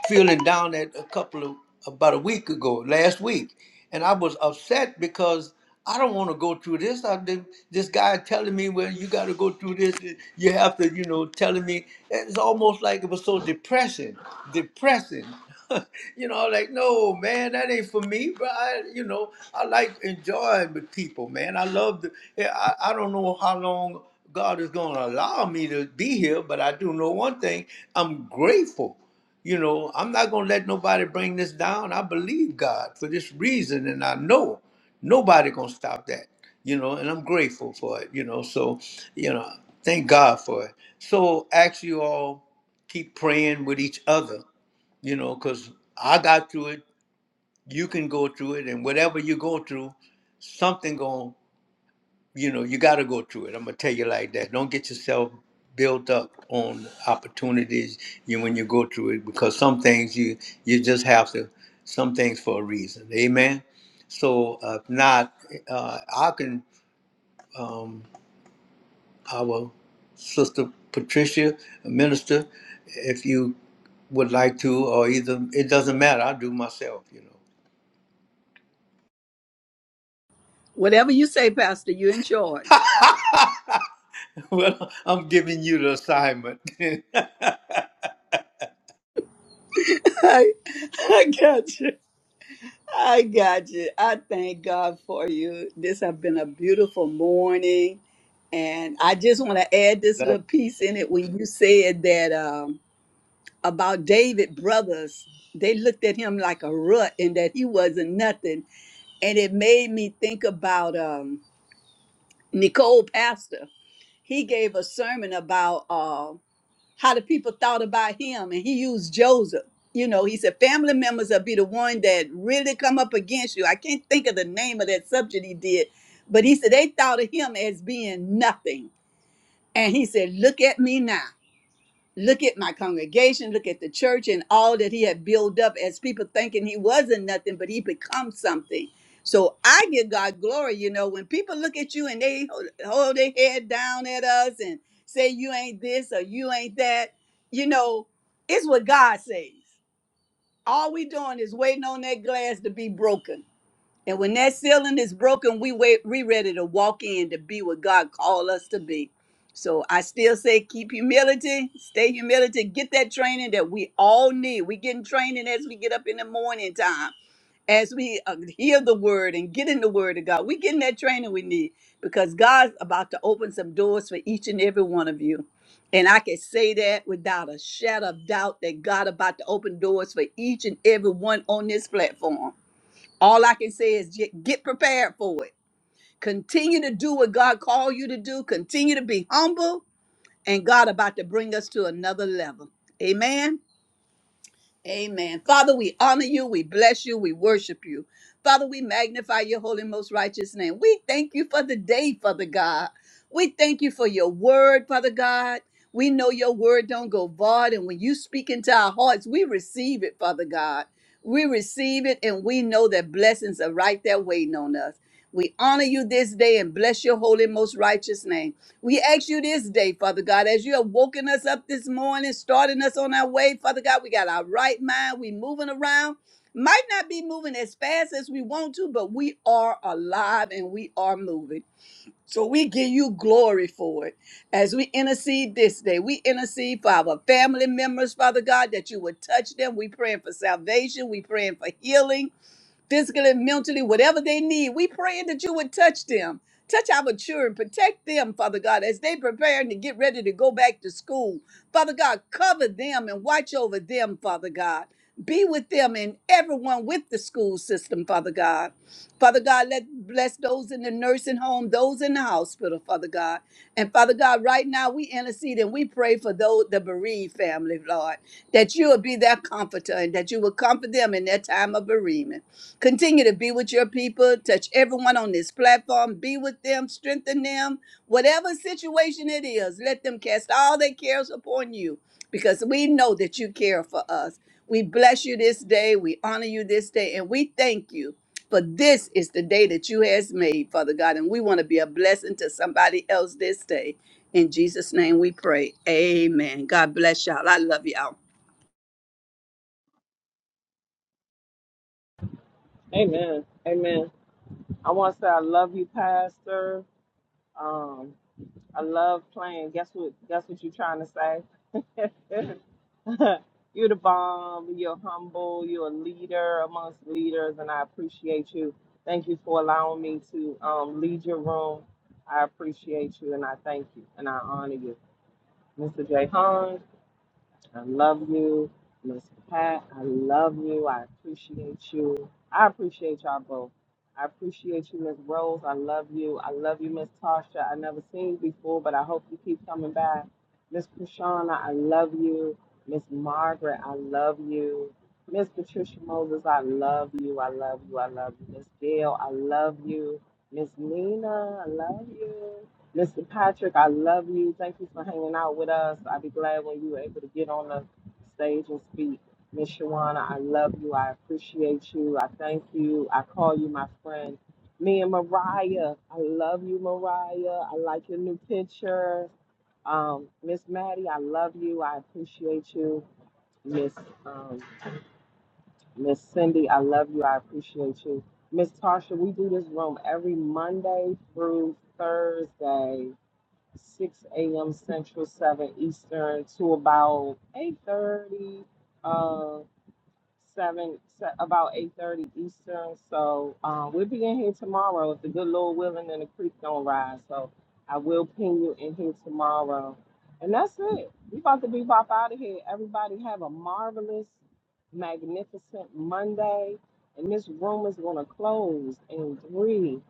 [SPEAKER 1] feeling down at a couple of about a week ago, last week, and I was upset because I don't want to go through this. I've been this guy telling me, well, you got to go through this. You have to, you know, telling me. It's almost like it was so depressing, depressing. you know, I'm like no, man, that ain't for me. But I, you know, I like enjoying with people, man. I love the. I, I don't know how long. God is going to allow me to be here, but I do know one thing I'm grateful. You know, I'm not going to let nobody bring this down. I believe God for this reason, and I know nobody going to stop that, you know, and I'm grateful for it, you know. So, you know, thank God for it. So, ask you all, keep praying with each other, you know, because I got through it, you can go through it, and whatever you go through, something going to you know, you got to go through it. I'm gonna tell you like that. Don't get yourself built up on opportunities you when you go through it because some things you you just have to some things for a reason. Amen. So uh, if not, uh, I can um, our sister Patricia, minister, if you would like to, or either it doesn't matter. I do myself, you know.
[SPEAKER 4] Whatever you say, Pastor, you're in charge.
[SPEAKER 1] well, I'm giving you the assignment.
[SPEAKER 4] I, I got you. I got you. I thank God for you. This has been a beautiful morning. And I just want to add this little piece in it when you said that um, about David brothers, they looked at him like a rut and that he wasn't nothing. and it made me think about um, Nicole Pastor. He gave a sermon about uh, how the people thought about him, and he used Joseph. You know, he said family members will be the one that really come up against you. I can't think of the name of that subject he did, but he said they thought of him as being nothing, and he said, "Look at me now." Look at my congregation, look at the church and all that he had built up as people thinking he wasn't nothing, but he becomes something. So I give God glory, you know, when people look at you and they hold hold their head down at us and say you ain't this or you ain't that, you know, it's what God says. All we doing is waiting on that glass to be broken and when that ceiling is broken, we wait, we ready to walk in to be what God called us to be. So I still say keep humility, stay humility, get that training that we all need. We getting training as we get up in the morning time, as we uh, hear the word and get in the word of God. We getting that training we need because God's about to open some doors for each and every one of you. And I can say that without a shadow of doubt that God about to open doors for each and every one on this platform. All I can say is get get prepared for it. Continue to do what God called you to do. Continue to be humble, and God about to bring us to another level. Amen. Amen. Father, we honor you, we bless you, we worship you. Father, we magnify your holy, most righteous name. We thank you for the day, Father God. We thank you for your word, Father God. We know your word don't go void, and when you speak into our hearts, we receive it, Father God. We receive it, and we know that blessings are right there waiting on us. We honor you this day and bless your holy, most righteous name. We ask you this day, Father God, as you have woken us up this morning, starting us on our way, Father God, we got our right mind. We moving around. Might not be moving as fast as we want to, but we are alive and we are moving. So we give you glory for it. As we intercede this day, we intercede for our family members, Father God, that you would touch them. We praying for salvation. We praying for healing physically, mentally, whatever they need. We praying that you would touch them. Touch our children, protect them, Father God, as they preparing to get ready to go back to school. Father God, cover them and watch over them, Father God. Be with them and everyone with the school system, Father God. Father God, let bless those in the nursing home, those in the hospital, Father God. And Father God, right now we intercede and we pray for those the bereaved family, Lord, that you will be their comforter and that you will comfort them in their time of bereavement. Continue to be with your people. Touch everyone on this platform. Be with them. Strengthen them. Whatever situation it is, let them cast all their cares upon you because we know that you care for us. We bless you this day. We honor you this day. And we thank you for this is the day that you has made, Father God. And we want to be a blessing to somebody else this day. In Jesus' name we pray. Amen. God bless y'all. I love y'all.
[SPEAKER 3] Amen. Amen. I want to say I love you, Pastor. Um, I love playing. Guess what? Guess what you're trying to say? you're the bomb. You're humble. You're a leader amongst leaders, and I appreciate you. Thank you for allowing me to um, lead your room. I appreciate you, and I thank you, and I honor you, Mr. J. I love you, Miss Pat. I love you. I appreciate you. I appreciate y'all both. I appreciate you, Miss Rose. I love you. I love you, Miss Tasha. I never seen you before, but I hope you keep coming back. Miss Krishana, I love you. Miss Margaret, I love you. Miss Patricia Moses, I love you. I love you. I love you. Miss Gail, I love you. Miss Nina, I love you. Mr. Patrick, I love you. Thank you for hanging out with us. I'd be glad when you were able to get on the stage and speak. Miss Shawana, I love you. I appreciate you. I thank you. I call you my friend. Me and Mariah, I love you, Mariah. I like your new picture. Um, Miss Maddie, I love you. I appreciate you. Miss um, Miss Cindy, I love you. I appreciate you. Miss Tarsha, we do this room every Monday through Thursday 6 a.m. Central, 7 Eastern to about 8:30, uh, 7 se- about 8:30 Eastern. So um, we'll be in here tomorrow if the good Lord willing and the creek don't rise. So I will pin you in here tomorrow, and that's it. We about to be bop out of here. Everybody have a marvelous, magnificent Monday, and this room is gonna close in three.